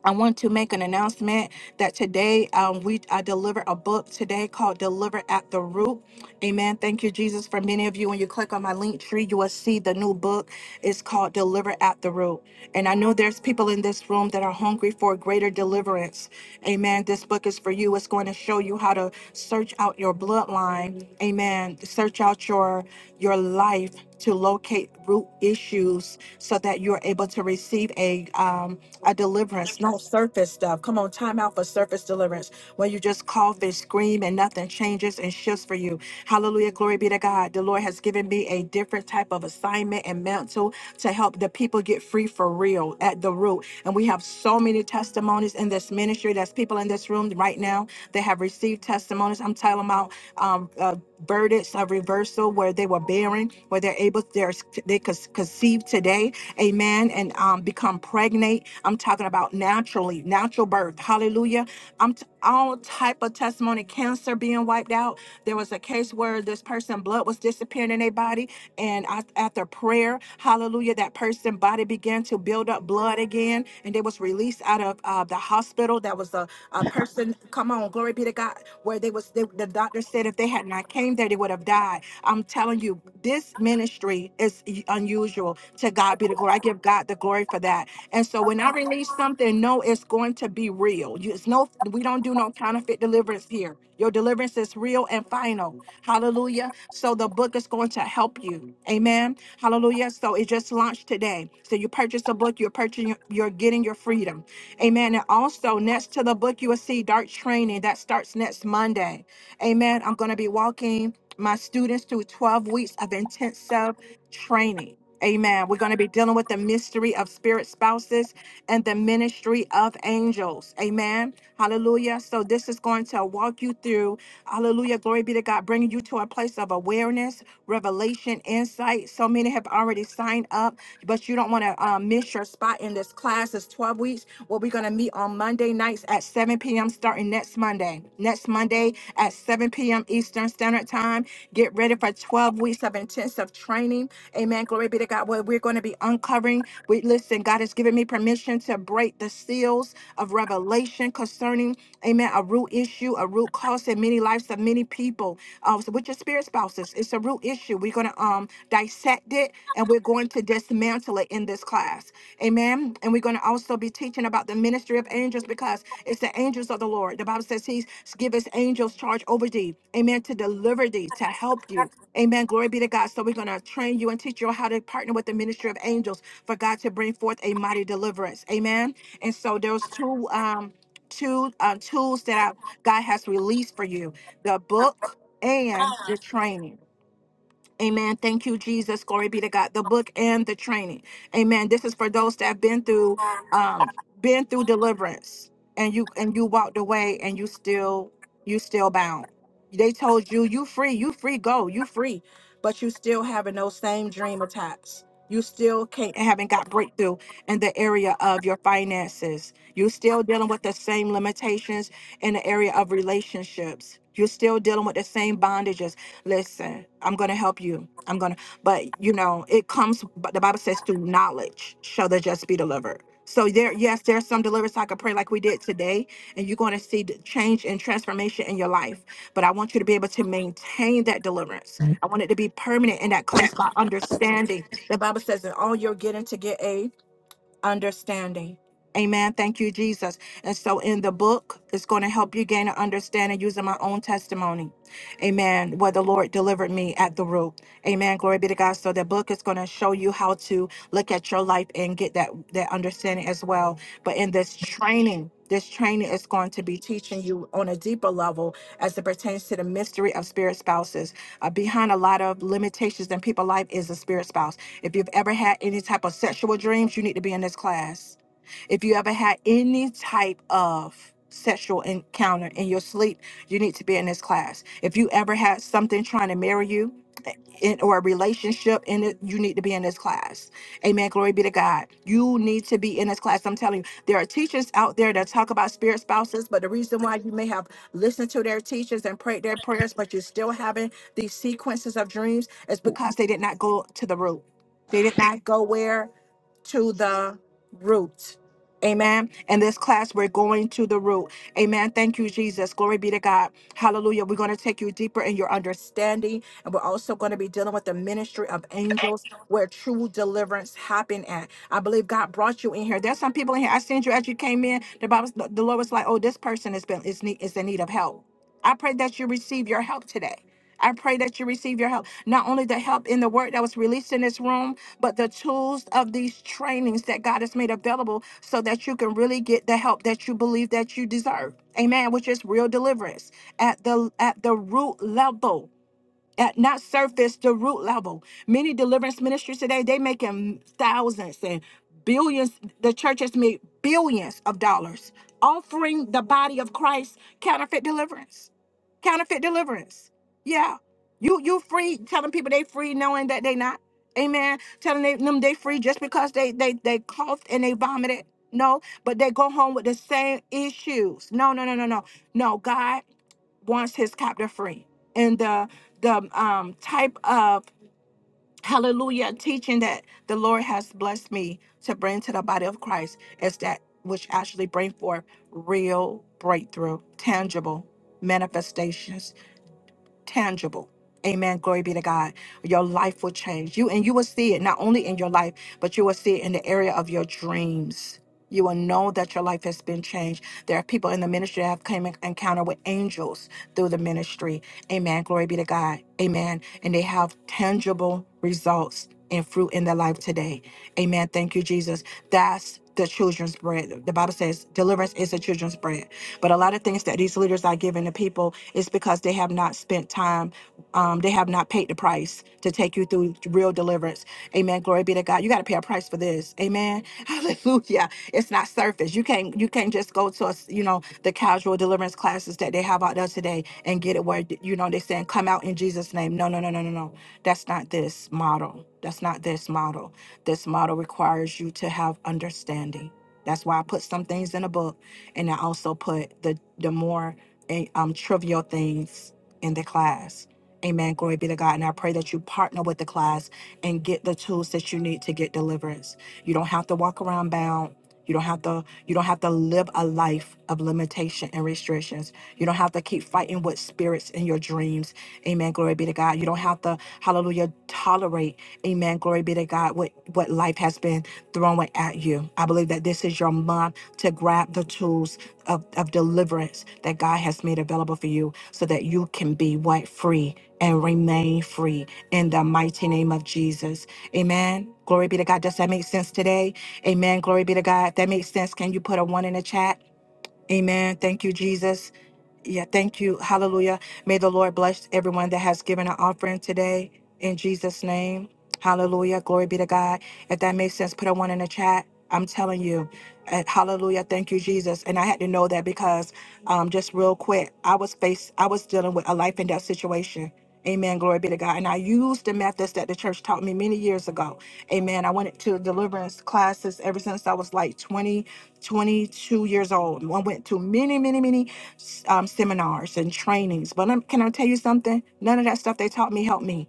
S1: I want to make an announcement that today um, we I deliver a book today called Deliver at the Root. Amen. Thank you, Jesus. For many of you, when you click on my link tree, you will see the new book. It's called Deliver at the Root. And I know there's people in this room that are hungry for greater deliverance. Amen. This book is for you. It's going to show you how to search out your bloodline. Amen. Search out your your life to locate root issues so that you're able to receive a um, a deliverance, no surface stuff. Come on, time out for surface deliverance. When you just cough and scream and nothing changes and shifts for you. Hallelujah. Glory be to God. The Lord has given me a different type of assignment and mantle to help the people get free for real at the root. And we have so many testimonies in this ministry. There's people in this room right now that have received testimonies. I'm telling about um, uh, burdens of reversal where they were bearing, where they're able, they're, they could conceive today amen, and um, become pregnant. I'm talking about naturally, natural birth. Hallelujah. I'm t- all type of testimony, cancer being wiped out. There was a case where this person blood was disappearing in their body, and af- after prayer, hallelujah, that person body began to build up blood again, and they was released out of uh, the hospital. That was a, a person. Come on, glory be to God. Where they was, they, the doctor said if they had not came there, they would have died I'm telling you, this ministry is unusual. To God be the glory. I give God the glory for that. And so when I release something, no, it's going to be real. You, it's no, we don't do no counterfeit deliverance here. Your deliverance is real and final. Hallelujah. So the book is going to help you. Amen. Hallelujah. So it just launched today. So you purchase a book, you're purchasing, you're getting your freedom. Amen. And also next to the book, you will see dark training that starts next Monday. Amen. I'm going to be walking my students through 12 weeks of intensive training. Amen. We're going to be dealing with the mystery of spirit spouses and the ministry of angels. Amen. Hallelujah. So, this is going to walk you through, hallelujah, glory be to God, bringing you to a place of awareness, revelation, insight. So many have already signed up, but you don't want to um, miss your spot in this class. It's 12 weeks. Well, we're going to meet on Monday nights at 7 p.m. starting next Monday. Next Monday at 7 p.m. Eastern Standard Time. Get ready for 12 weeks of intensive training. Amen. Glory be to God. What we're going to be uncovering. We listen, God has given me permission to break the seals of revelation concerning, amen, a root issue, a root cause in many lives of many people. Uh, so with your spirit spouses, it's a root issue. We're going to um dissect it and we're going to dismantle it in this class. Amen. And we're going to also be teaching about the ministry of angels because it's the angels of the Lord. The Bible says He's give His angels charge over thee. Amen. To deliver thee, to help you. Amen. Glory be to God. So we're gonna train you and teach you how to partner with the ministry of angels for God to bring forth a mighty deliverance. Amen. And so there's two um two uh, tools that I, God has released for you: the book and the training. Amen. Thank you, Jesus. Glory be to God. The book and the training. Amen. This is for those that have been through, um, been through deliverance, and you and you walked away, and you still you still bound. They told you you free, you free, go, you free, but you still having those same dream attacks. You still can't haven't got breakthrough in the area of your finances. You're still dealing with the same limitations in the area of relationships. You're still dealing with the same bondages listen i'm gonna help you i'm gonna but you know it comes but the bible says through knowledge shall the just be delivered so there yes there's some deliverance i could pray like we did today and you're going to see the change and transformation in your life but i want you to be able to maintain that deliverance i want it to be permanent and that comes by understanding the bible says in all you're getting to get a understanding. Amen. Thank you, Jesus. And so in the book, it's going to help you gain an understanding using my own testimony. Amen. Where the Lord delivered me at the root. Amen. Glory be to God. So the book is going to show you how to look at your life and get that, that understanding as well. But in this training, this training is going to be teaching you on a deeper level as it pertains to the mystery of spirit spouses. Uh, behind a lot of limitations in people's life is a spirit spouse if you've ever had any type of sexual dreams, you need to be in this class. If you ever had any type of sexual encounter in your sleep, you need to be in this class. If you ever had something trying to marry you eh, in, or a relationship in it, you need to be in this class. Amen. Glory be to God. You need to be in this class. I'm telling you, there are teachers out there that talk about spirit spouses, but the reason why you may have listened to their teachings and prayed their prayers, but you're still having these sequences of dreams is because they did not go to the root. They did not go where? To the root. Amen. In this class, we're going to the root. Amen. Thank you, Jesus. Glory be to God. Hallelujah. We're going to take you deeper in your understanding. And we're also going to be dealing with the ministry of angels where true deliverance happened at. I believe God brought you in here. There's some people in here. I seen you as you came in. The Bible, the Lord was like, oh, this person has been is need is in need of help. I pray that you receive your help today. I pray that you receive your help. Not only the help in the word that was released in this room, but the tools of these trainings that God has made available so that you can really get the help that you believe that you deserve. Amen. Which is real deliverance at the at the root level at not surface to root level. Many deliverance ministries today, they making thousands and billions. The churches make billions of dollars offering the body of Christ counterfeit deliverance. Counterfeit deliverance. Yeah. You you free telling people they free knowing that they not. Amen. Telling they- them they free just because they they they coughed and they vomited. No, but they go home with the same issues. No, no, no, no, no. No, God wants his captor free and the the um type of hallelujah teaching that the lord has blessed me to bring to the body of christ is that which actually bring forth real breakthrough tangible manifestations tangible. Amen. Glory be to God. Your life will change. You and you will see it not only in your life, but you will see it in the area of your dreams. You will know that your life has been changed. There are people in the ministry that have come in encounter with angels through the ministry. Amen. Glory be to God. Amen. And they have tangible results and fruit in their life today. Amen. Thank you, Jesus. That's the children's bread. The Bible says deliverance is the children's bread. But a lot of things that these leaders are giving to people is because they have not spent time, um, they have not paid the price to take you through real deliverance. Amen. Glory be to God. You got to pay a price for this. Amen. Hallelujah. It's not surface. You can't you can't just go to us, you know, the casual deliverance classes that they have out there today and get it where you know they're saying come out in Jesus' name. No, no, no, no, no, no. That's not this model. That's not this model. This model requires you to have understanding. That's why I put some things in a book and I also put the the more eh, um trivial things in the class. Amen. Glory be to God. And I pray that you partner with the class and get the tools that you need to get deliverance. You don't have to walk around bound. You don't have to you don't have to live a life of limitation and restrictions. You don't have to keep fighting with spirits in your dreams. Amen. Glory be to God. You don't have to, hallelujah, tolerate, amen. Glory be to God, what, what life has been throwing at you. I believe that this is your month to grab the tools of, of deliverance that God has made available for you so that you can be what free and remain free in the mighty name of Jesus. Amen. Glory be to God. Does that make sense today? Amen. Glory be to God. If that makes sense, can you put a one in the chat? Amen. Thank you, Jesus. Yeah, thank you. Hallelujah. May the Lord bless everyone that has given an offering today in Jesus' name. Hallelujah. Glory be to God. If that makes sense, put a one in the chat. I'm telling you. Uh, hallelujah. Thank you, Jesus. And I had to know that because um, just real quick, I was faced, I was dealing with a life and death situation. Amen. Glory be to God. And I used the methods that the church taught me many years ago. Amen. I went to deliverance classes ever since I was like 20, 22 years old. I went to many, many, many um, seminars and trainings. But um, can I tell you something? None of that stuff they taught me helped me.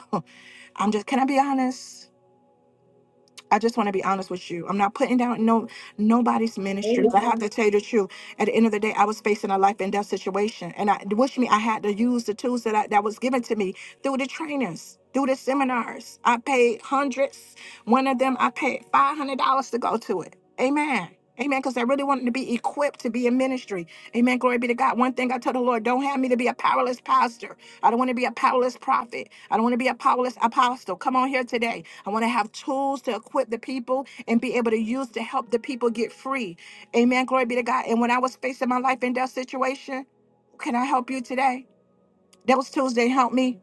S1: I'm just, can I be honest? I just want to be honest with you. I'm not putting down no nobody's ministry. but I
S9: Amen.
S1: have to tell you the truth. At the end of the day, I was facing a life and death situation, and I wish me I had to use the tools that I, that was given to me through the trainers, through the seminars. I paid hundreds. One of them, I paid five hundred dollars to go to it. Amen. Amen. Because I really wanted to be equipped to be in ministry. Amen. Glory be to God. One thing I told the Lord, don't have me to be a powerless pastor. I don't want to be a powerless prophet. I don't want to be a powerless apostle. Come on here today. I want to have tools to equip the people and be able to use to help the people get free. Amen. Glory be to God. And when I was facing my life and death situation, can I help you today? Those tools didn't help me.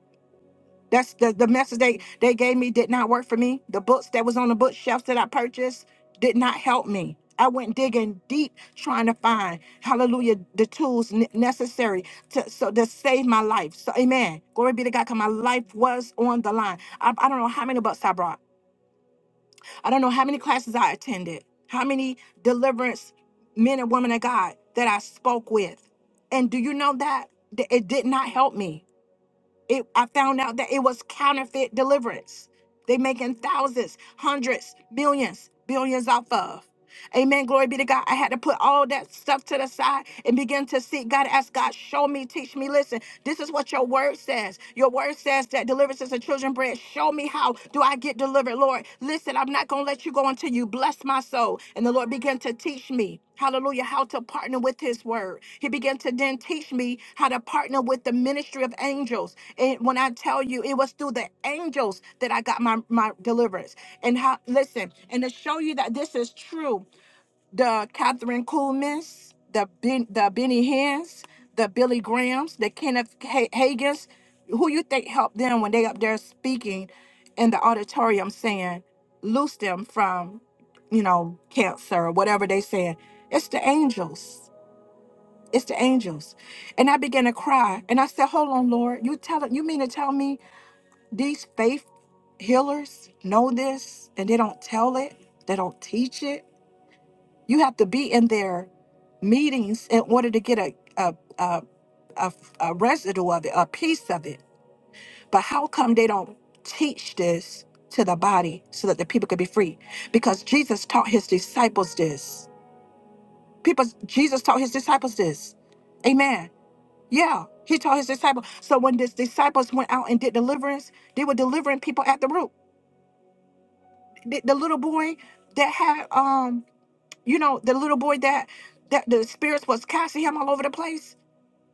S1: That's the, the message they, they gave me did not work for me. The books that was on the bookshelves that I purchased did not help me. I went digging deep trying to find, hallelujah, the tools ne- necessary to, so to save my life. So, amen. Glory be to God, because my life was on the line. I, I don't know how many books I brought. I don't know how many classes I attended, how many deliverance men and women of God that I spoke with. And do you know that Th- it did not help me? It, I found out that it was counterfeit deliverance. They making thousands, hundreds, millions, billions off of. Amen. Glory be to God. I had to put all that stuff to the side and begin to seek God. Ask God, show me, teach me, listen. This is what your word says. Your word says that deliverance is a children bread. Show me how do I get delivered, Lord. Listen, I'm not going to let you go until you bless my soul. And the Lord began to teach me. Hallelujah, how to partner with his word. He began to then teach me how to partner with the ministry of angels. And when I tell you, it was through the angels that I got my, my deliverance. And how listen, and to show you that this is true the Catherine Kuhlmans, the ben, the Benny Hins, the Billy Grahams, the Kenneth Ha- Hagins, who you think helped them when they up there speaking in the auditorium saying, loose them from, you know, cancer or whatever they said. It's the angels. It's the angels. And I began to cry. And I said, Hold on, Lord, you tell you mean to tell me these faith healers know this and they don't tell it? They don't teach it? You have to be in their meetings in order to get a a, a, a, a residue of it, a piece of it. But how come they don't teach this to the body so that the people could be free? Because Jesus taught his disciples this. People, Jesus taught his disciples this. Amen. Yeah, he taught his disciples. So when his disciples went out and did deliverance, they were delivering people at the root. The, the little boy that had, um, you know, the little boy that that the spirits was casting him all over the place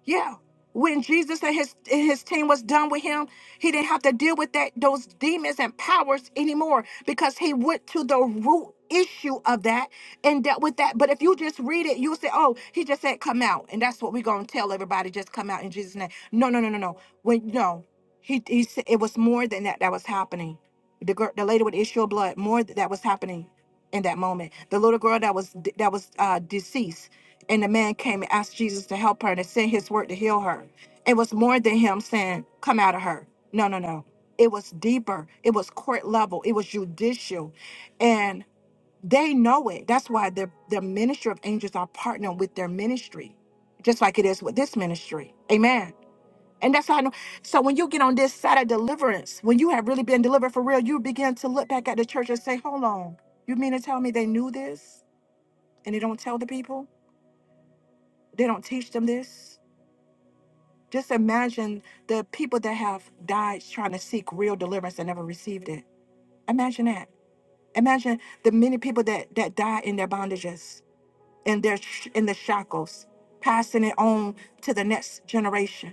S1: Yeah. When Jesus and his his team was done with him, he didn't have to deal with that those demons and powers anymore because he went to the root issue of that and dealt with that. But if you just read it, you'll say, "Oh, he just said come out," and that's what we're gonna tell everybody: just come out in Jesus' name. No, no, no, no, no. When no, he he said it was more than that that was happening. The girl, the lady with the issue of blood, more th- that was happening in that moment. The little girl that was that was uh, deceased and the man came and asked Jesus to help her and to send his word to heal her. It was more than him saying, Come out of her. No, no, no. It was deeper. It was court level. It was judicial. And they know it. That's why the, the ministry of angels are partnering with their ministry, just like it is with this ministry. Amen. And that's how I know. So when you get on this side of deliverance, when you have really been delivered for real, you begin to look back at the church and say, Hold on, you mean to tell me they knew this and they don't tell the people? They don't teach them this? Just imagine the people that have died trying to seek real deliverance and never received it. Imagine that. Imagine the many people that that die in their bondages, in their sh- in the shackles, passing it on to the next generation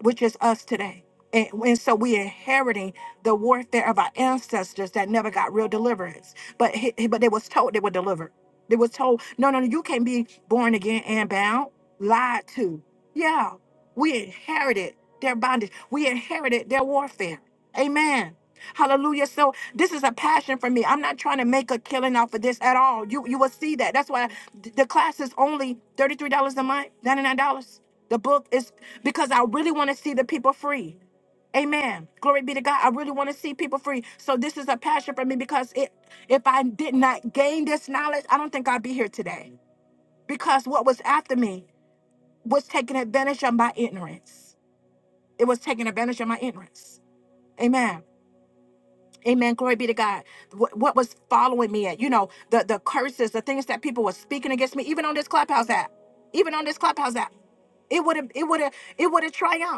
S1: which is us today. And, and so we're inheriting the warfare of our ancestors that never got real deliverance, but he, he- but they was told they were delivered. They was told, no, no, no, you can't be born again and bound, lied to. Yeah, we inherited their bondage. We inherited their warfare. Amen. Hallelujah. So this is a passion for me. I'm not trying to make a killing off of this at all. You you will see that. That's why th- the class is only $33 a month, $99. The book is because I really want to see the people free. Amen. Glory be to God. I really want to see people free. So this is a passion for me because it if I did not gain this knowledge, I don't think I'd be here today. Because what was after me was taking advantage of my ignorance. It was taking advantage of my ignorance. Amen. Amen. Glory be to God. What, what was following me at, you know, the, the curses, the things that people were speaking against me, even on this clubhouse app, even on this clubhouse app, it would have, it would have, it would have triumphed.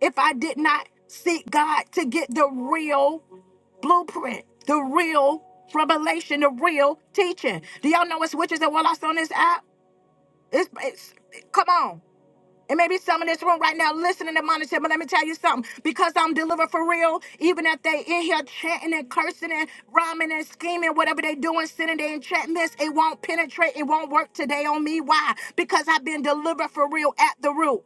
S1: if I did not seek God to get the real blueprint, the real revelation, the real teaching. Do y'all know it's witches and warlocks on this app? It's, it's come on. And maybe some in this room right now listening to monitor, but let me tell you something. Because I'm delivered for real, even if they in here chanting and cursing and rhyming and scheming, whatever they doing, sitting there and chatting this, it won't penetrate, it won't work today on me. Why? Because I've been delivered for real at the root.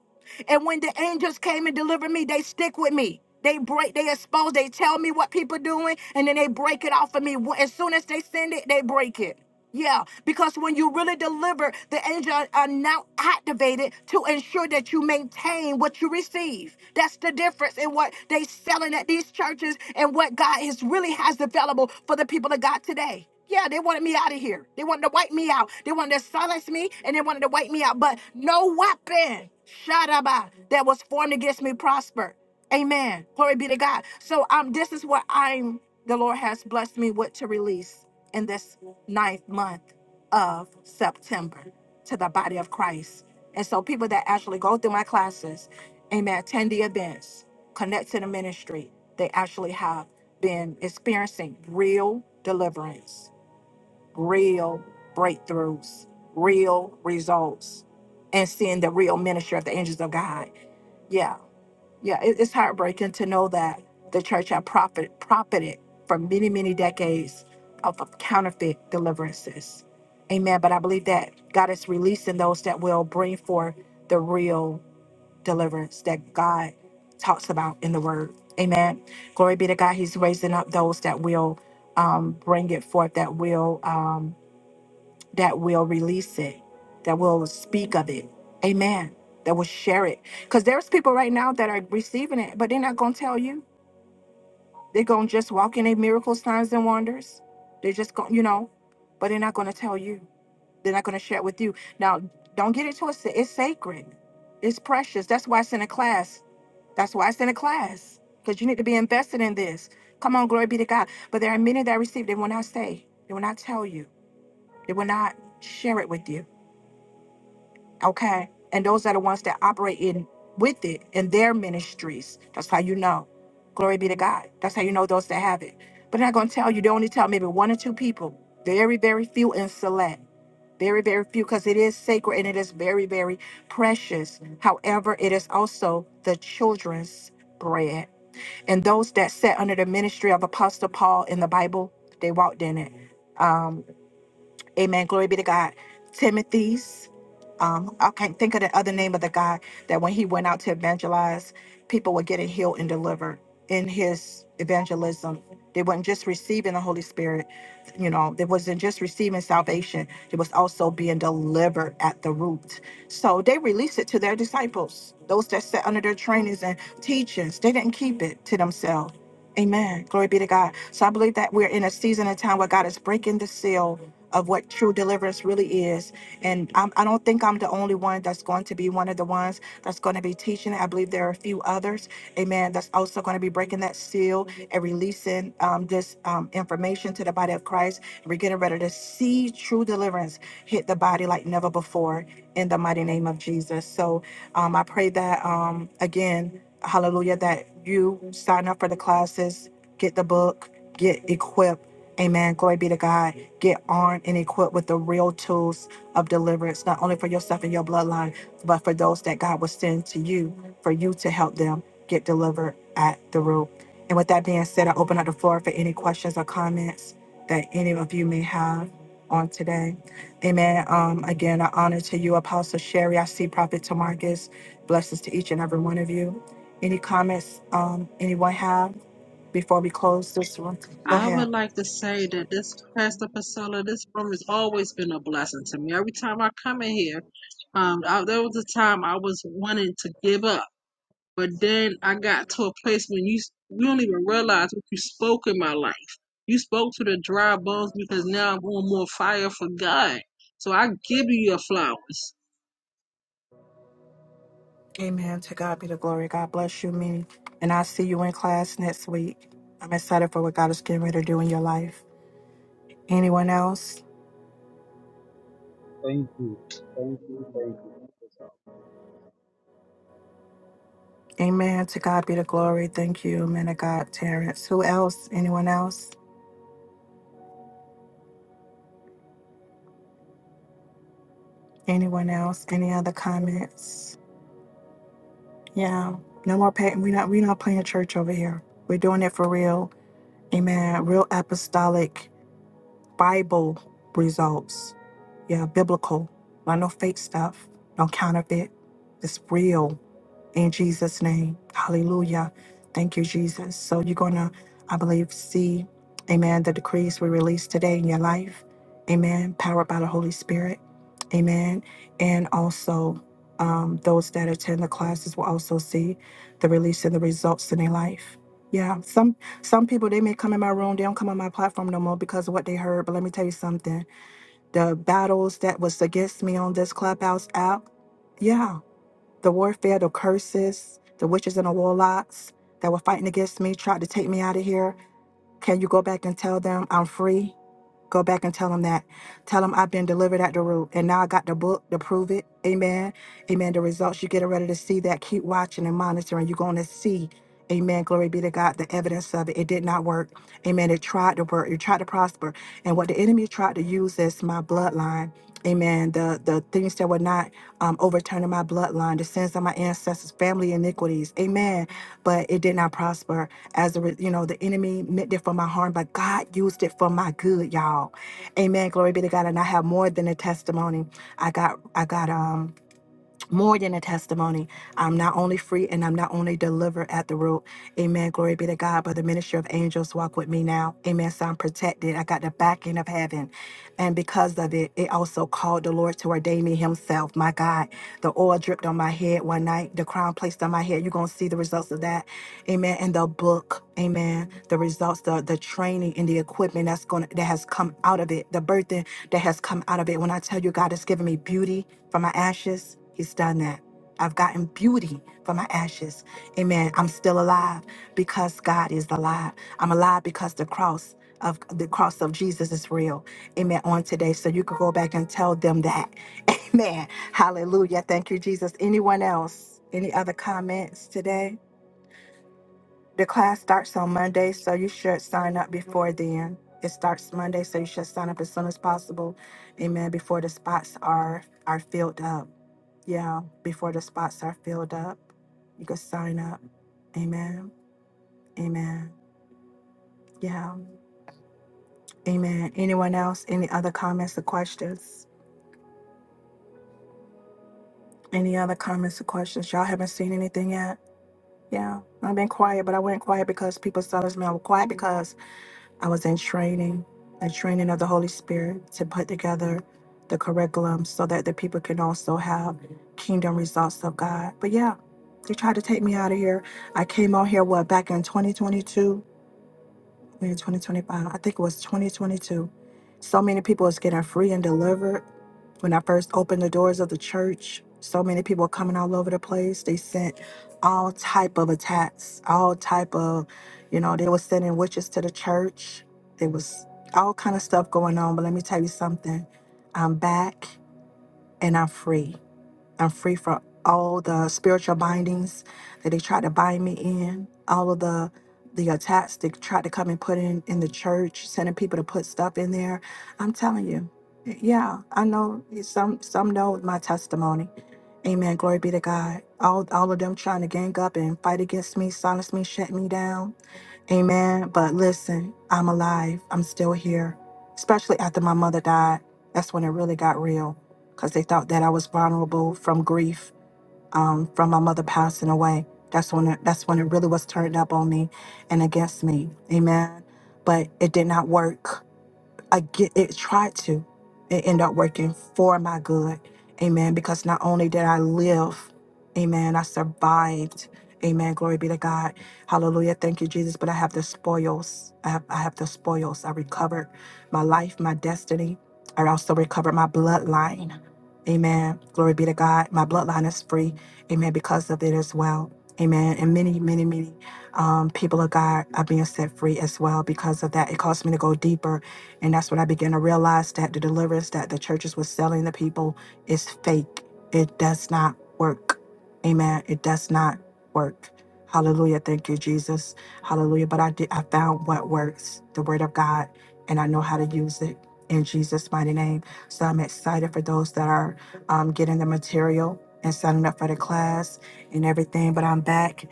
S1: And when the angels came and delivered me, they stick with me. They break, they expose, they tell me what people doing, and then they break it off of me. As soon as they send it, they break it. Yeah, because when you really deliver, the angels are are now activated to ensure that you maintain what you receive. That's the difference in what they selling at these churches and what God is really has available for the people of God today. Yeah, they wanted me out of here. They wanted to wipe me out. They wanted to silence me and they wanted to wipe me out. But no weapon, Shadaba, that was formed against me prosper. Amen. Glory be to God. So um, this is what I'm the Lord has blessed me with to release in this ninth month of September to the body of Christ. And so people that actually go through my classes, amen, attend the events, connect to the ministry, they actually have been experiencing real deliverance real breakthroughs, real results, and seeing the real ministry of the angels of God. Yeah, yeah, it- it's heartbreaking to know that the church had profit, profited for many, many decades off of counterfeit deliverances. Amen. But I believe that God is releasing those that will bring forth the real deliverance that God talks about in the Word. Amen. Glory be to God. He's raising up those that will um, bring it forth, that will. Um, that will release it, that will speak of it. Amen. That will share it. Because there's people right now that are receiving it, but they're not going to tell you. They're going to just walk in their miracles, signs, and wonders. They're just going, you know, but they're not going to tell you. They're not going to share it with you. Now, don't get it twisted. It's sacred, it's precious. That's why it's in a class. That's why it's in a class. Because you need to be invested in this. Come on, glory be to God. But there are many that receive, they will not say, they will not tell you, they will not share it with you okay and those are the ones that operate in with it in their ministries that's how you know glory be to god that's how you know those that have it but they're not going to tell you they only tell maybe one or two people very very few and select very very few because it is sacred and it is very very precious however it is also the children's bread and those that sat under the ministry of apostle paul in the bible they walked in it Um, Amen. Glory be to God. Timothy's. Um, I can't think of the other name of the guy that when he went out to evangelize, people were getting healed and delivered in his evangelism. They weren't just receiving the Holy Spirit, you know, they wasn't just receiving salvation, it was also being delivered at the root. So they released it to their disciples, those that sat under their trainings and teachings. They didn't keep it to themselves. Amen. Glory be to God. So I believe that we're in a season and time where God is breaking the seal of what true deliverance really is. And I'm, I don't think I'm the only one that's going to be one of the ones that's going to be teaching. it. I believe there are a few others, amen, that's also going to be breaking that seal and releasing um, this um, information to the body of Christ. We're getting ready to see true deliverance hit the body like never before in the mighty name of Jesus. So um, I pray that, um, again, hallelujah, that you sign up for the classes, get the book, get equipped. Amen. Glory be to God Get armed and equipped with the real tools of deliverance, not only for yourself and your bloodline, but for those that God will send to you, for you to help them get delivered at the root. And with that being said, I open up the floor for any questions or comments that any of you may have on today. Amen. Um, again, I honor to you, Apostle Sherry. I see Prophet Tamarcus. Blessings to each and every one of you. Any comments um, anyone have before we close this one? Go
S5: I
S1: ahead.
S5: would like to say that this Pastor Priscilla, this room has always been a blessing to me. Every time I come in here, um, I, there was a time I was wanting to give up. But then I got to a place when you you don't even realize what you spoke in my life. You spoke to the dry bones because now I'm on more fire for God. So I give you your flowers.
S1: Amen. To God be the glory. God bless you, me. And I see you in class next week. I'm excited for what God is getting ready to do in your life. Anyone else?
S2: you. Thank you,
S1: Amen. To God be the glory. Thank you, man of God, Terrence. Who else? Anyone else? Anyone else? Any other comments? Yeah. No more pay. We're not, we're not playing church over here. We're doing it for real. Amen. Real apostolic Bible results. Yeah, biblical. Not no fake stuff. No counterfeit. It's real. in Jesus' name. Hallelujah. Thank you, Jesus. So you're going to, I believe, see, amen, the decrees we released today in your life. Amen. Powered by the Holy Spirit. Amen. And also, um, those that attend the classes will also see the release and the results in their life. Yeah, some some people they may come in my room, they don't come on my platform no more because of what they heard. But let me tell you something: the battles that was against me on this clubhouse app, yeah, the warfare, the curses, the witches and the warlocks that were fighting against me, tried to take me out of here. Can you go back and tell them I'm free? Go back and tell them that. Tell them I've been delivered at the root. And now I got the book to prove it. Amen. Amen. The results you're getting ready to see that. Keep watching and monitoring. You're going to see. Amen. Glory be to God. The evidence of it. It did not work. Amen. It tried to work. It tried to prosper. And what the enemy tried to use is my bloodline. Amen. The the things that were not um, overturning my bloodline, the sins of my ancestors, family iniquities. Amen. But it did not prosper. As a, re- you know, the enemy meant it for my harm, but God used it for my good, y'all. Amen. Glory be to God. And I have more than a testimony. I got, I got, um, more than a testimony. I'm not only free and I'm not only delivered at the root. Amen. Glory be to God. But the ministry of angels walk with me now. Amen. So I'm protected. I got the backing of heaven. And because of it, it also called the Lord to ordain me himself. My God, the oil dripped on my head one night, the crown placed on my head. You're going to see the results of that. Amen. And the book. Amen. The results, the, the training and the equipment that's going to that has come out of it, the birthing that has come out of it. When I tell you God has given me beauty, from my ashes, he's done that. I've gotten beauty from my ashes. Amen. I'm still alive because God is alive. I'm alive because the cross of the cross of Jesus is real. Amen. On today. So you can go back and tell them that. Amen. Hallelujah. Thank you, Jesus. Anyone else? Any other comments today? The class starts on Monday, so you should sign up before then. It starts Monday, so you should sign up as soon as possible. Amen. Before the spots are are filled up. Yeah, before the spots are filled up, you can sign up. Amen. Amen. Yeah. Amen. Anyone else? Any other comments or questions? Any other comments or questions? Y'all haven't seen anything yet? Yeah. I've been quiet, but I went quiet because people saw this man. I was quiet I was in training, a training of the Holy Spirit to put together the curriculum so that the people can also have kingdom results of God. But yeah, they tried to take me out of here. I came out here, what, back in 2022? Maybe 2025. I think it was 2022. So many people was getting free and delivered. When I first opened the doors of the church, so many people were coming all over the place. They sent all type of attacks, all type of, you know, they were sending witches to the church. There was all kind of stuff going on. But let me tell you something. I'm back and I'm free. I'm free from all the spiritual bindings that they tried to bind me in, all of the the attacks they tried to come and put in in the church, sending people to put stuff in there. I'm telling you, yeah, I know some some know my testimony. Amen. Glory be to God. All all of them trying to gang up and fight against me, silence me, shut me down Amen. But listen, I'm alive. I'm still here. Especially after my mother died. That's when it really got real because they thought that I was vulnerable from grief um, from my mother passing away. That's when it, that's when it really was turned up on me and against me. Amen. But it did not work again, it tried to. It ended up working for my good. Amen. Because not only did I live, amen, I survived. Amen. Glory be to God. Hallelujah. Thank you, Jesus. But I have the spoils. I have, I have the spoils. I recovered my life, my destiny. I also recovered my bloodline. Amen. Glory be to God. My bloodline is free. Amen. Because of it as well. Amen. And many, many, many um, people of God are being set free as well because of that. It caused me to go deeper and that's when I began to realize that the deliverance that the churches were selling the people is fake. It does not work. Amen. It does not work. Hallelujah. Thank you, Jesus. Hallelujah. But I did I found what works, the word of God, and I know how to use it in Jesus' mighty name. So I'm excited for those that are um, getting the material and signing up for the class and everything. But I'm back.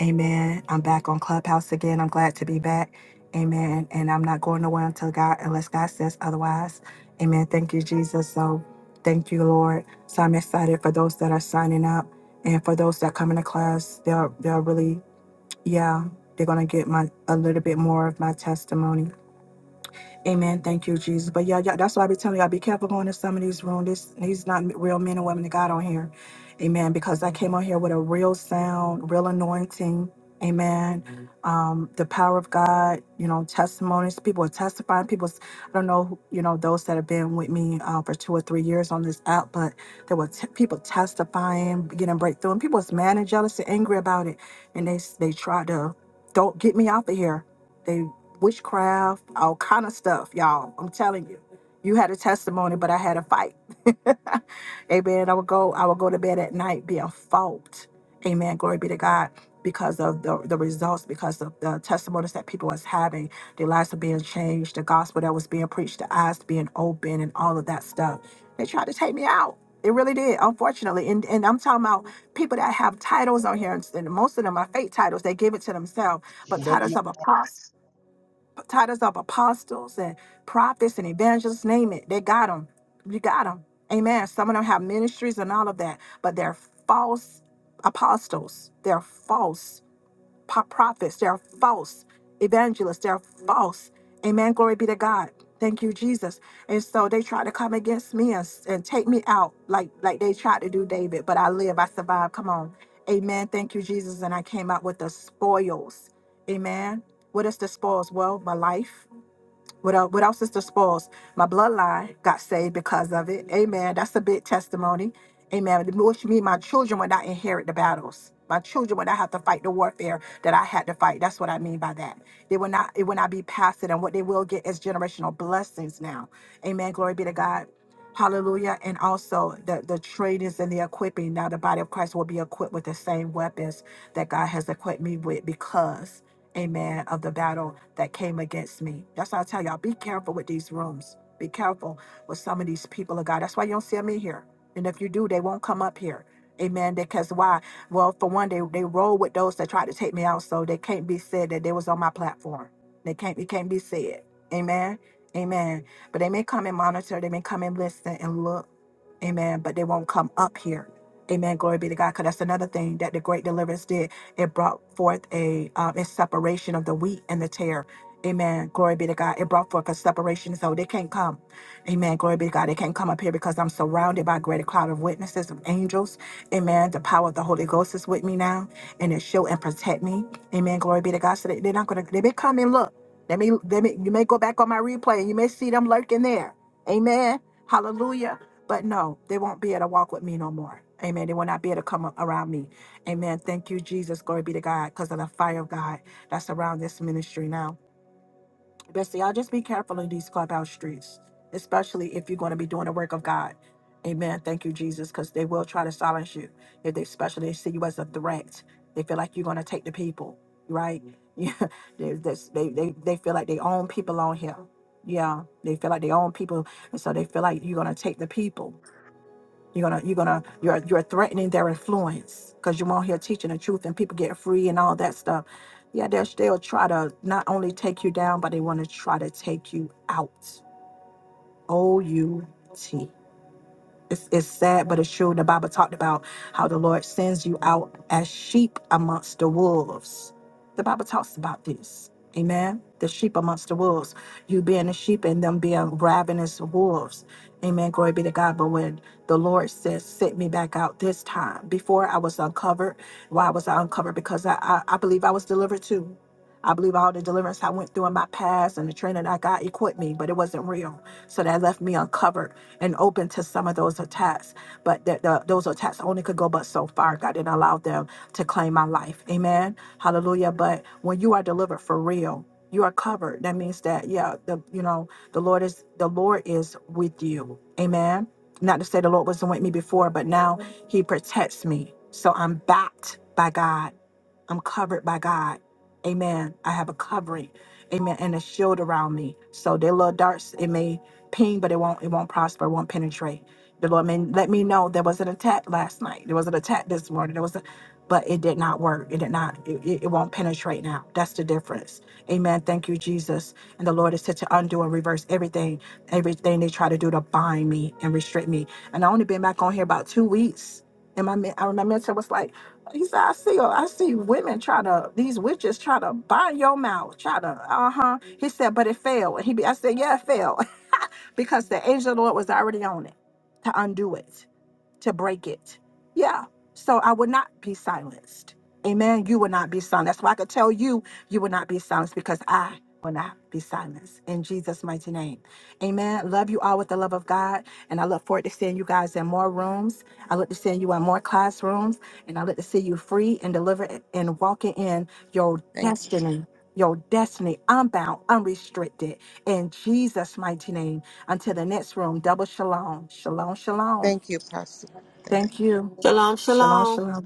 S1: Amen. I'm back on Clubhouse again. I'm glad to be back. Amen. And I'm not going nowhere until God, unless God says otherwise. Amen. Thank you, Jesus. So thank you, Lord. So I'm excited for those that are signing up and for those that come into class. They're they're really, yeah, they're gonna get my a little bit more of my testimony. Amen. Thank you, Jesus. But yeah, yeah, that's why I be telling y'all be careful going to some of these rooms. This these not real men and women of God on here. Amen. Because I came on here with a real sound, real anointing. Amen. Um, the power of God, you know, testimonies. People are testifying. People, I don't know, who- you know, those that have been with me uh, for two or three years on this app, but there were t- people testifying, getting breakthrough, and people was mad and jealous and angry about it, and they s- they tried to don't get me out of here witchcraft, all kind of stuff, y'all. I'm telling you. You had a testimony, but I had a fight. Amen. I would go, I would go to bed at night being fault. Amen. Glory be to God. Because of the, the results, because of the testimonies that people was having, their lives were being changed, the gospel that was being preached, the eyes being open, and all of that stuff. They tried to take me out. It really did, unfortunately. And and I'm talking about people that have titles on here, and, and most of them are fake titles. They give it to themselves, but
S2: thank you.
S1: titles of titles of apostles and prophets and evangelists, name it. They got them. You got them. Amen. Some of them have ministries and all of that, but they're false apostles. They're false po- prophets. They are false evangelists. They are false. Amen. Glory be to God. Thank you, Jesus. And so they tried to come against me and, and take me out like, like they tried to do David, but I live. I survived. Come on. Amen. Thank you, Jesus. And I came out with the spoils. Amen. What is the spoils? Well, my life without without Sister Spauls, my bloodline got saved because of it. Amen. That's a big testimony. Amen. Which means my children would not inherit the battles. My children would not have to fight the warfare that I had to fight. That's what I mean by that. They will not. It will not be passed to them. What they will get is generational blessings now. Amen. Glory be to God. Hallelujah. And also the, the trainings and the equipping. Now the body of Christ will be equipped with the same weapons that God has equipped me with because amen, of the battle that came against me. That's why I tell y'all, be careful with these rooms. Be careful with some of these people of God. That's why you don't see them in here. And if you do, they won't come up here. Amen. Because why? Well, for one, they, they roll with those that tried to take me out, so they can't be said that they was on my platform. They can't it can't be said. Amen. Amen. But they may come and monitor, they may come and listen and look. Amen. But they won't come up here. Amen. Glory be to God. Because that's another thing that the great deliverance did. It brought forth a, um, a separation of the wheat and the tare. Amen. Glory be to God. It brought forth a separation. So they can't come. Amen. Glory be to God. They can't come up here because I'm surrounded by a greater cloud of witnesses, of angels. Amen. The power of the Holy Ghost is with me now and it shield and protect me. Amen. Glory be to God. So they, they're not going to, they may come and look. They may, they may, you may go back on my replay and you may see them lurking there. Amen. Hallelujah. But no, they won't be able to walk with me no more. Amen. They will not be able to come a- around me. Amen. Thank you, Jesus. Glory be to God because of the fire of God that's around this ministry now. Bestie, y'all just be careful in these clubhouse streets, especially if you're going to be doing the work of God. Amen. Thank you, Jesus, because they will try to silence you if they especially see you as a threat. They feel like you're going to take the people, right? Yeah, they, that's- they, they, they feel like they own people on here. Yeah, they feel like they own people. And so they feel like you're going to take the people. You're gonna, you're gonna, you're you're threatening their influence because you're out here teaching the truth and people get free and all that stuff. Yeah, they'll they'll try to not only take you down, but they want to try to take you out. O U T. It's, it's sad, but it's true. The Bible talked about how the Lord sends you out as sheep amongst the wolves. The Bible talks about this. Amen. The sheep amongst the wolves. You being a sheep and them being ravenous wolves. Amen. Glory be to God. But when the Lord says, Set me back out this time, before I was uncovered, why was I uncovered? Because I, I, I believe I was delivered too. I believe all the deliverance I went through in my past and the training I got equipped me, but it wasn't real. So that left me uncovered and open to some of those attacks. But that the, those attacks only could go but so far. God didn't allow them to claim my life. Amen. Hallelujah. But when you are delivered for real, you are covered. That means that yeah, the you know the Lord is the Lord is with you. Amen. Not to say the Lord wasn't with me before, but now He protects me. So I'm backed by God. I'm covered by God. Amen. I have a covering. Amen. And a shield around me. So their little darts, it may ping, but it won't, it won't prosper, it won't penetrate. The Lord may let me know there was an attack last night. There was an attack this morning. There was a but it did not work. It did not, it, it it won't penetrate now. That's the difference. Amen. Thank you, Jesus. And the Lord is said to undo and reverse everything, everything they try to do to bind me and restrict me. And I only been back on here about two weeks. And my men- I- my mentor was like, he said, I see, I see women try to, these witches try to bind your mouth, try to, uh huh. He said, but it failed. And he, be- I said, yeah, it failed because the angel of the Lord was already on it to undo it to break it. Yeah. So I would not be silenced. Amen. You will not be silenced. That's why I could tell you, you will not be silenced because I will not be silenced in Jesus' mighty name. Amen. Love you all with the love of God. And I look forward to seeing you guys in more rooms. I look to seeing you in more classrooms. And I look to see you free and delivered and walking in your
S6: Thank you.
S1: destiny, your destiny, unbound, unrestricted. In Jesus' mighty name. Until the next room, double shalom. Shalom, shalom.
S6: Thank you, Pastor. Thank you.
S1: Thank you.
S22: Shalom,
S1: Shalom,
S22: shalom.
S1: shalom.